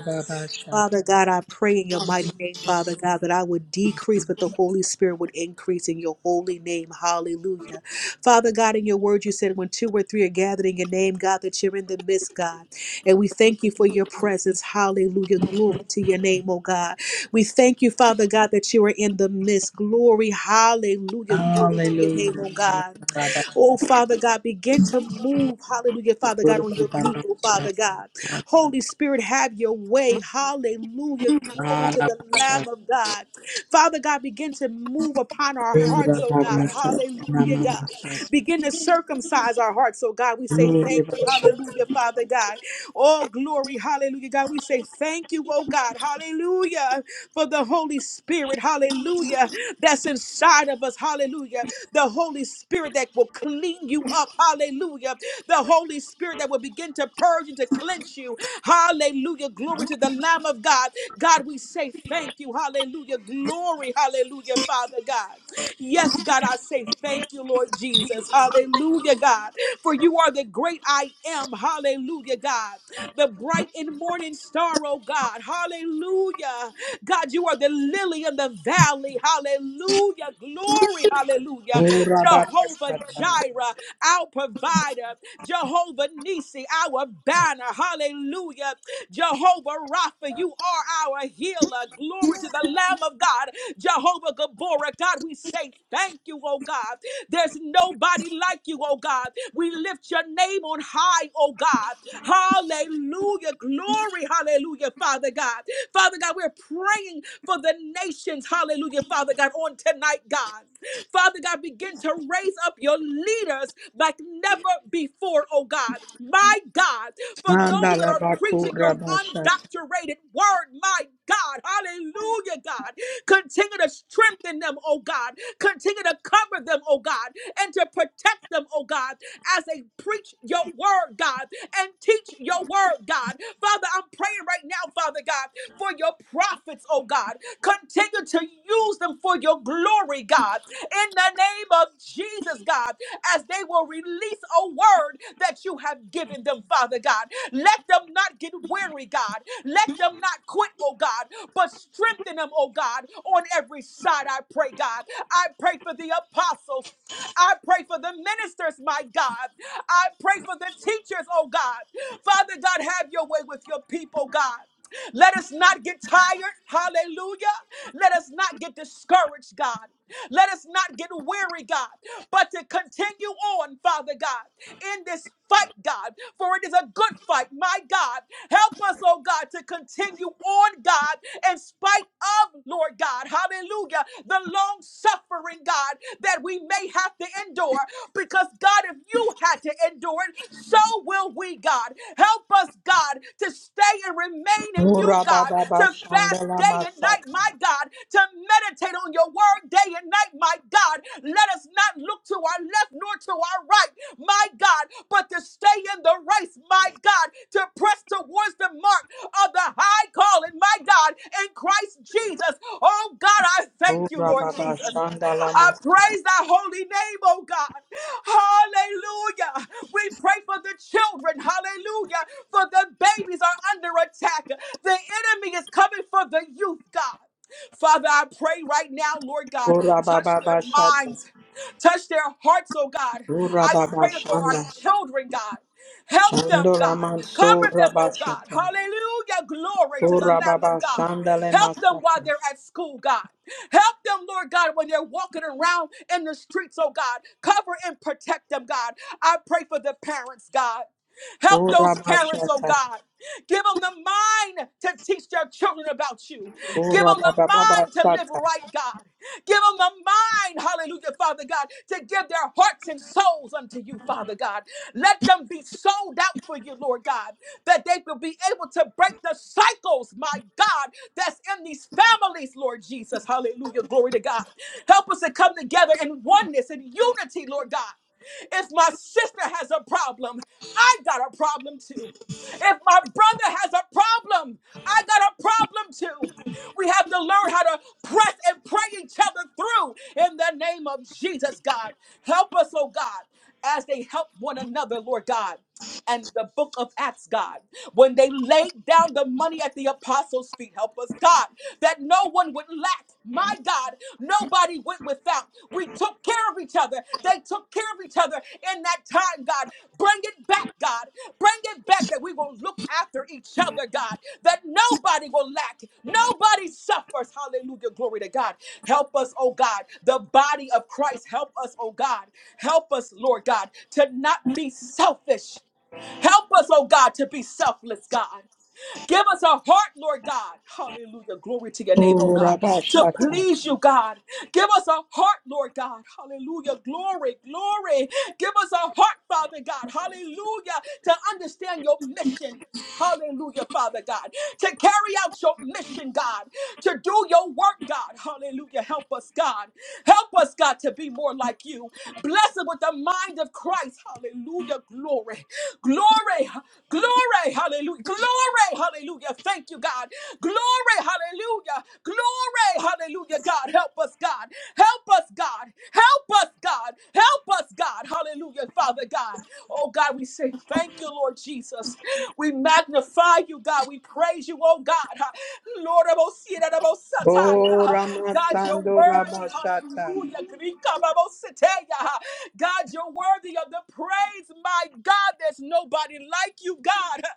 Father God, I pray in your mighty name, Father God, that I would decrease, but the Holy Spirit would increase in your holy name. Hallelujah. Father God, in your word, you said when two or three are gathered in your name, God, that you're in the midst, God. And we thank you for your presence. Hallelujah. Glory to your name, oh God. We thank you, Father God, that you are in the midst. Glory. Hallelujah. Glory to your name, oh God. Oh, Father God, begin to move, hallelujah, Father God, on your people, Father God. Holy Spirit, have your way, hallelujah. Glory to the Lamb of God. Father God, begin to move upon our hearts, oh God, hallelujah, God. Begin to circumcise our hearts, oh God. We say thank you, Hallelujah. hallelujah, Father God. Oh, glory, hallelujah, God. We say thank you, oh God, hallelujah, for the Holy Spirit, hallelujah, that's inside of us, hallelujah the Holy Spirit that will clean you up. Hallelujah. The Holy Spirit that will begin to purge and to cleanse you. Hallelujah. Glory to the Lamb of God. God, we say thank you. Hallelujah. Glory. Hallelujah, Father God. Yes, God, I say thank you, Lord Jesus. Hallelujah, God. For you are the great I am. Hallelujah, God. The bright and morning star, oh God. Hallelujah. God, you are the lily in the valley. Hallelujah. Glory. Hallelujah. Jehovah Jireh, our provider, Jehovah Nisi, our banner. Hallelujah. Jehovah Rapha, you are our healer. Glory to the Lamb of God, Jehovah Gaborah. God, we say thank you, oh God. There's nobody like you, oh God. We lift your name on high, oh God. Hallelujah. Glory, hallelujah, Father God. Father God, we're praying for the nations, hallelujah, Father God, on tonight, God. Father God, begin to raise up your leaders like never before, oh God. My God, for those that are preaching your undoctorated word, my God, hallelujah, God. Continue to strengthen them, oh God. Continue to cover them, oh God, and to protect them, oh God, as they preach your word, God, and teach your word, God. Father, I'm praying right now, Father God, for your prophets, oh God. Continue to use them for your glory, God in the name of Jesus, God, as they will release a word that you have given them, Father God. Let them not get weary, God. Let them not quit, oh God, but strengthen them, oh God, on every side, I pray, God. I pray for the apostles. I pray for the ministers, my God. I pray for the teachers, oh God. Father God, have your way with your people, God. Let us not get tired. Hallelujah. Let us not get discouraged, God. Let us not get weary, God, but to continue on, Father God, in this fight, God, for it is a good fight, my God. Help us, oh God, to continue on, God, in spite of, Lord God, hallelujah, the long suffering, God, that we may have to endure. Because, God, if you had to endure it, so will we, God. Help us, God, to stay and remain in you, Ora God, to baba shanda fast day and night, my God, to meditate on your word day and night, my God. Let us not look to our left nor to our right, my God, but to stay in the race, my God, to press towards the mark of the high calling, my God, in Christ Jesus. Oh God, I thank you, Lord Jesus. lama, I praise thy holy name, oh God. Hallelujah. We pray for the children, hallelujah, for the babies are under attack. The enemy is coming for the youth, God. Father, I pray right now, Lord God, ora touch their baba shata, minds Touch their hearts, oh God. Ora I am baba praying for our shanda, children, God. Help them, shando God. raman so Cover them, oh God. rabashata. Hallelujah. Glory to the Ora Lamb baba of God. shanda le Help them while masata. they're at school, God. Help them, Lord God, when they're walking around in the streets, oh God. Cover and protect them, God. I pray for the parents, God. Help Ora those parents, oh bashata, God. Give them the mind to teach their children about you. Give ora them the baba baba mind to live shata. right, God. Give them a mind, hallelujah, Father God, to give their hearts and souls unto you, Father God. Let them be sold out for you, Lord God, that they will be able to break the cycles, my God, that's in these families, Lord Jesus. Hallelujah. Glory to God. Help us to come together in oneness and unity, Lord God. If my sister has a problem, I got a problem too. If my brother has a problem, I got a problem too. We have to learn how to press and pray each other through in the name of Jesus, God. Help us, oh God, as they help one another, Lord God. And the book of Acts, God, when they laid down the money at the apostles' feet, help us, God, that no one would lack. My God, nobody went without. We took care of each other. They took care of each other in that time, God. Bring it back, God. Bring it back that we will look after each other, God. That nobody will lack. Nobody suffers. Hallelujah. Glory to God. Help us, oh God. The body of Christ. Help us, oh God. Help us, Lord God, to not be selfish. Help us, oh God, to be selfless, God. Give us a heart, Lord God. Hallelujah. Glory to your name, oh Ora God. To bashata, please you, God. Give us a heart, Lord God. Hallelujah. Glory, glory. Give us a heart, Father God. Hallelujah. To understand your mission. Hallelujah, Father God. To carry out your mission, God. To do your work, God. Hallelujah. Help us, God. Help us, God, to be more like you. Bless us with the mind of Christ. Hallelujah. Glory. Glory. Glory, hallelujah. Glory, hallelujah. Thank you, God. Glory, hallelujah. Glory, hallelujah. God, help us, God. Help us, God. Help us, God. Help us, God. Hallelujah, Father God. Oh, God, we say thank you, Lord Jesus. We magnify you, God. We praise you, oh, God. Ha- Lord, Abosira, Abosataya. ora God, you're masando worthy. rabashata. Hallelujah. Grika, Abositeya. God, you're worthy of the praise, my God. There's nobody like you, God.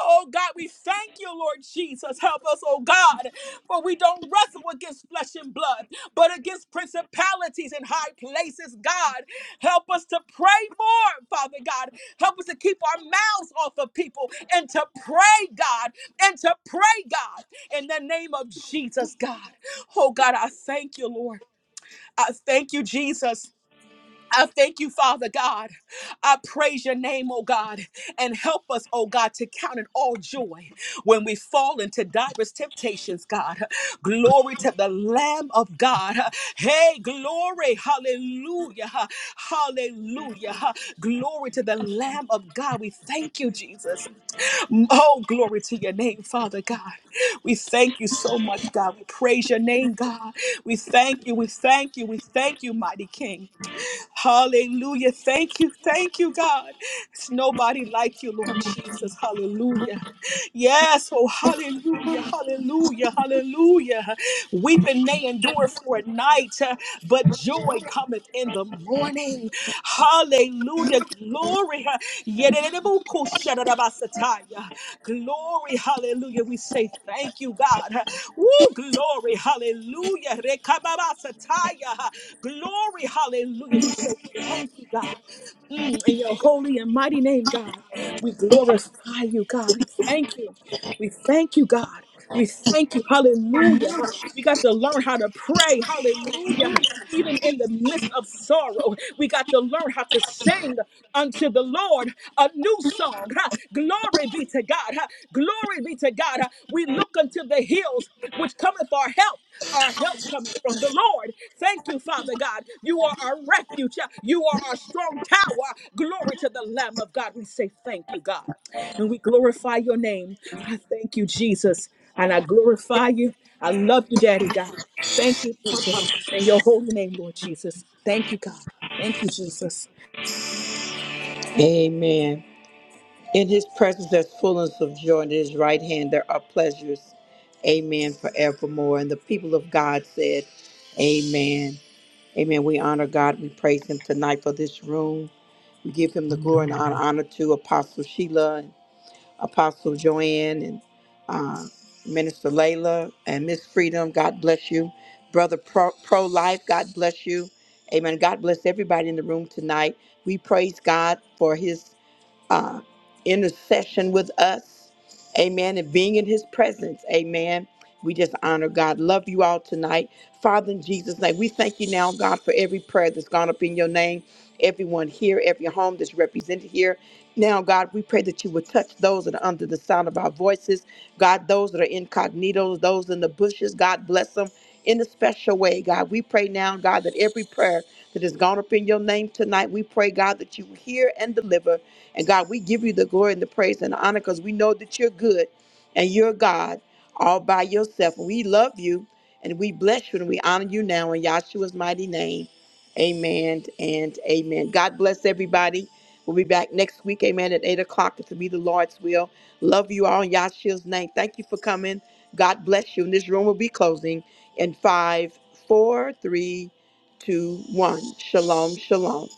Oh, God, we thank you, Lord Jesus. Help us, oh God, for we don't wrestle against flesh and blood, but against principalities and high places, God. Help us to pray more, Father God. Help us to keep our mouths off of people and to pray, God, and to pray, God, in the name of Jesus, God. Oh, God, I thank you, Lord. I thank you, Jesus. I thank you, Father God. I praise your name, oh God, and help us, oh God, to count it all joy when we fall into diverse temptations, God. Glory to the Lamb of God. Hey, glory. Hallelujah. Hallelujah. Glory to the Lamb of God. We thank you, Jesus. Oh, glory to your name, Father God. We thank you so much, God. We praise your name, God. We thank you. We thank you. We thank you, mighty King. Hallelujah. Thank you. Thank you, God. It's nobody like you, Lord Jesus. Hallelujah. Yes. Oh, hallelujah. Hallelujah. Hallelujah. Weeping may endure for a night, uh, but joy cometh in the morning. Hallelujah. Glory. Yedidibukushadadabasataya. Glory. Hallelujah. We say thank you, God. Woo, glory. Hallelujah. Rekababasataya. Glory, hallelujah. We say thank you, God. Mm, in your holy and mighty name, God, we glorify you, God. We thank you. We thank you, God. We thank you. Hallelujah. We got to learn how to pray. Hallelujah. Even in the midst of sorrow, we got to learn how to sing unto the Lord a new song. Ha. Glory be to God. Ha. Glory be to God. Ha. We look unto the hills which cometh our help. Our help coming from the Lord. Thank you, Father God. You are our refuge. You are our strong tower. Glory to the Lamb of God. We say thank you, God. And we glorify your name. I thank you, Jesus. And I glorify you. I love you, Daddy God. Thank you, Jesus. In your holy name, Lord Jesus. Thank you, God. Thank you, Jesus. Amen. In his presence there's fullness of joy, and in his right hand there are pleasures. Amen forevermore. And the people of God said, Amen. Amen. We honor God. We praise him tonight for this room. give him the glory and honor, honor to Apostle Sheila and Apostle Joanne and uh, Minister Layla and Miss Freedom. God bless you. Brother Pro, Pro Life, God bless you. Amen. God bless everybody in the room tonight. We praise God for his uh, intercession with us. Amen. And being in his presence. Amen. We just honor God. Love you all tonight. Father, in Jesus' name, we thank you now, God, for every prayer that's gone up in your name. Everyone here, every home that's represented here. Now, God, we pray that you would touch those that are under the sound of our voices. God, those that are incognito, those in the bushes, God bless them in a special way, God. We pray now, God, that every prayer that has gone up in your name tonight, we pray, God, that you hear and deliver. And God, we give you the glory and the praise and the honor because we know that you're good and you're God all by yourself. And we love you and we bless you and we honor you now in Yahshua's mighty name. Amen and amen. God bless everybody. We'll be back next week, amen, at 8 o'clock. It will be the Lord's will. Love you all in Yahshua's name. Thank you for coming. God bless you. And this room will be closing in five, four, three, two, one. Shalom, shalom.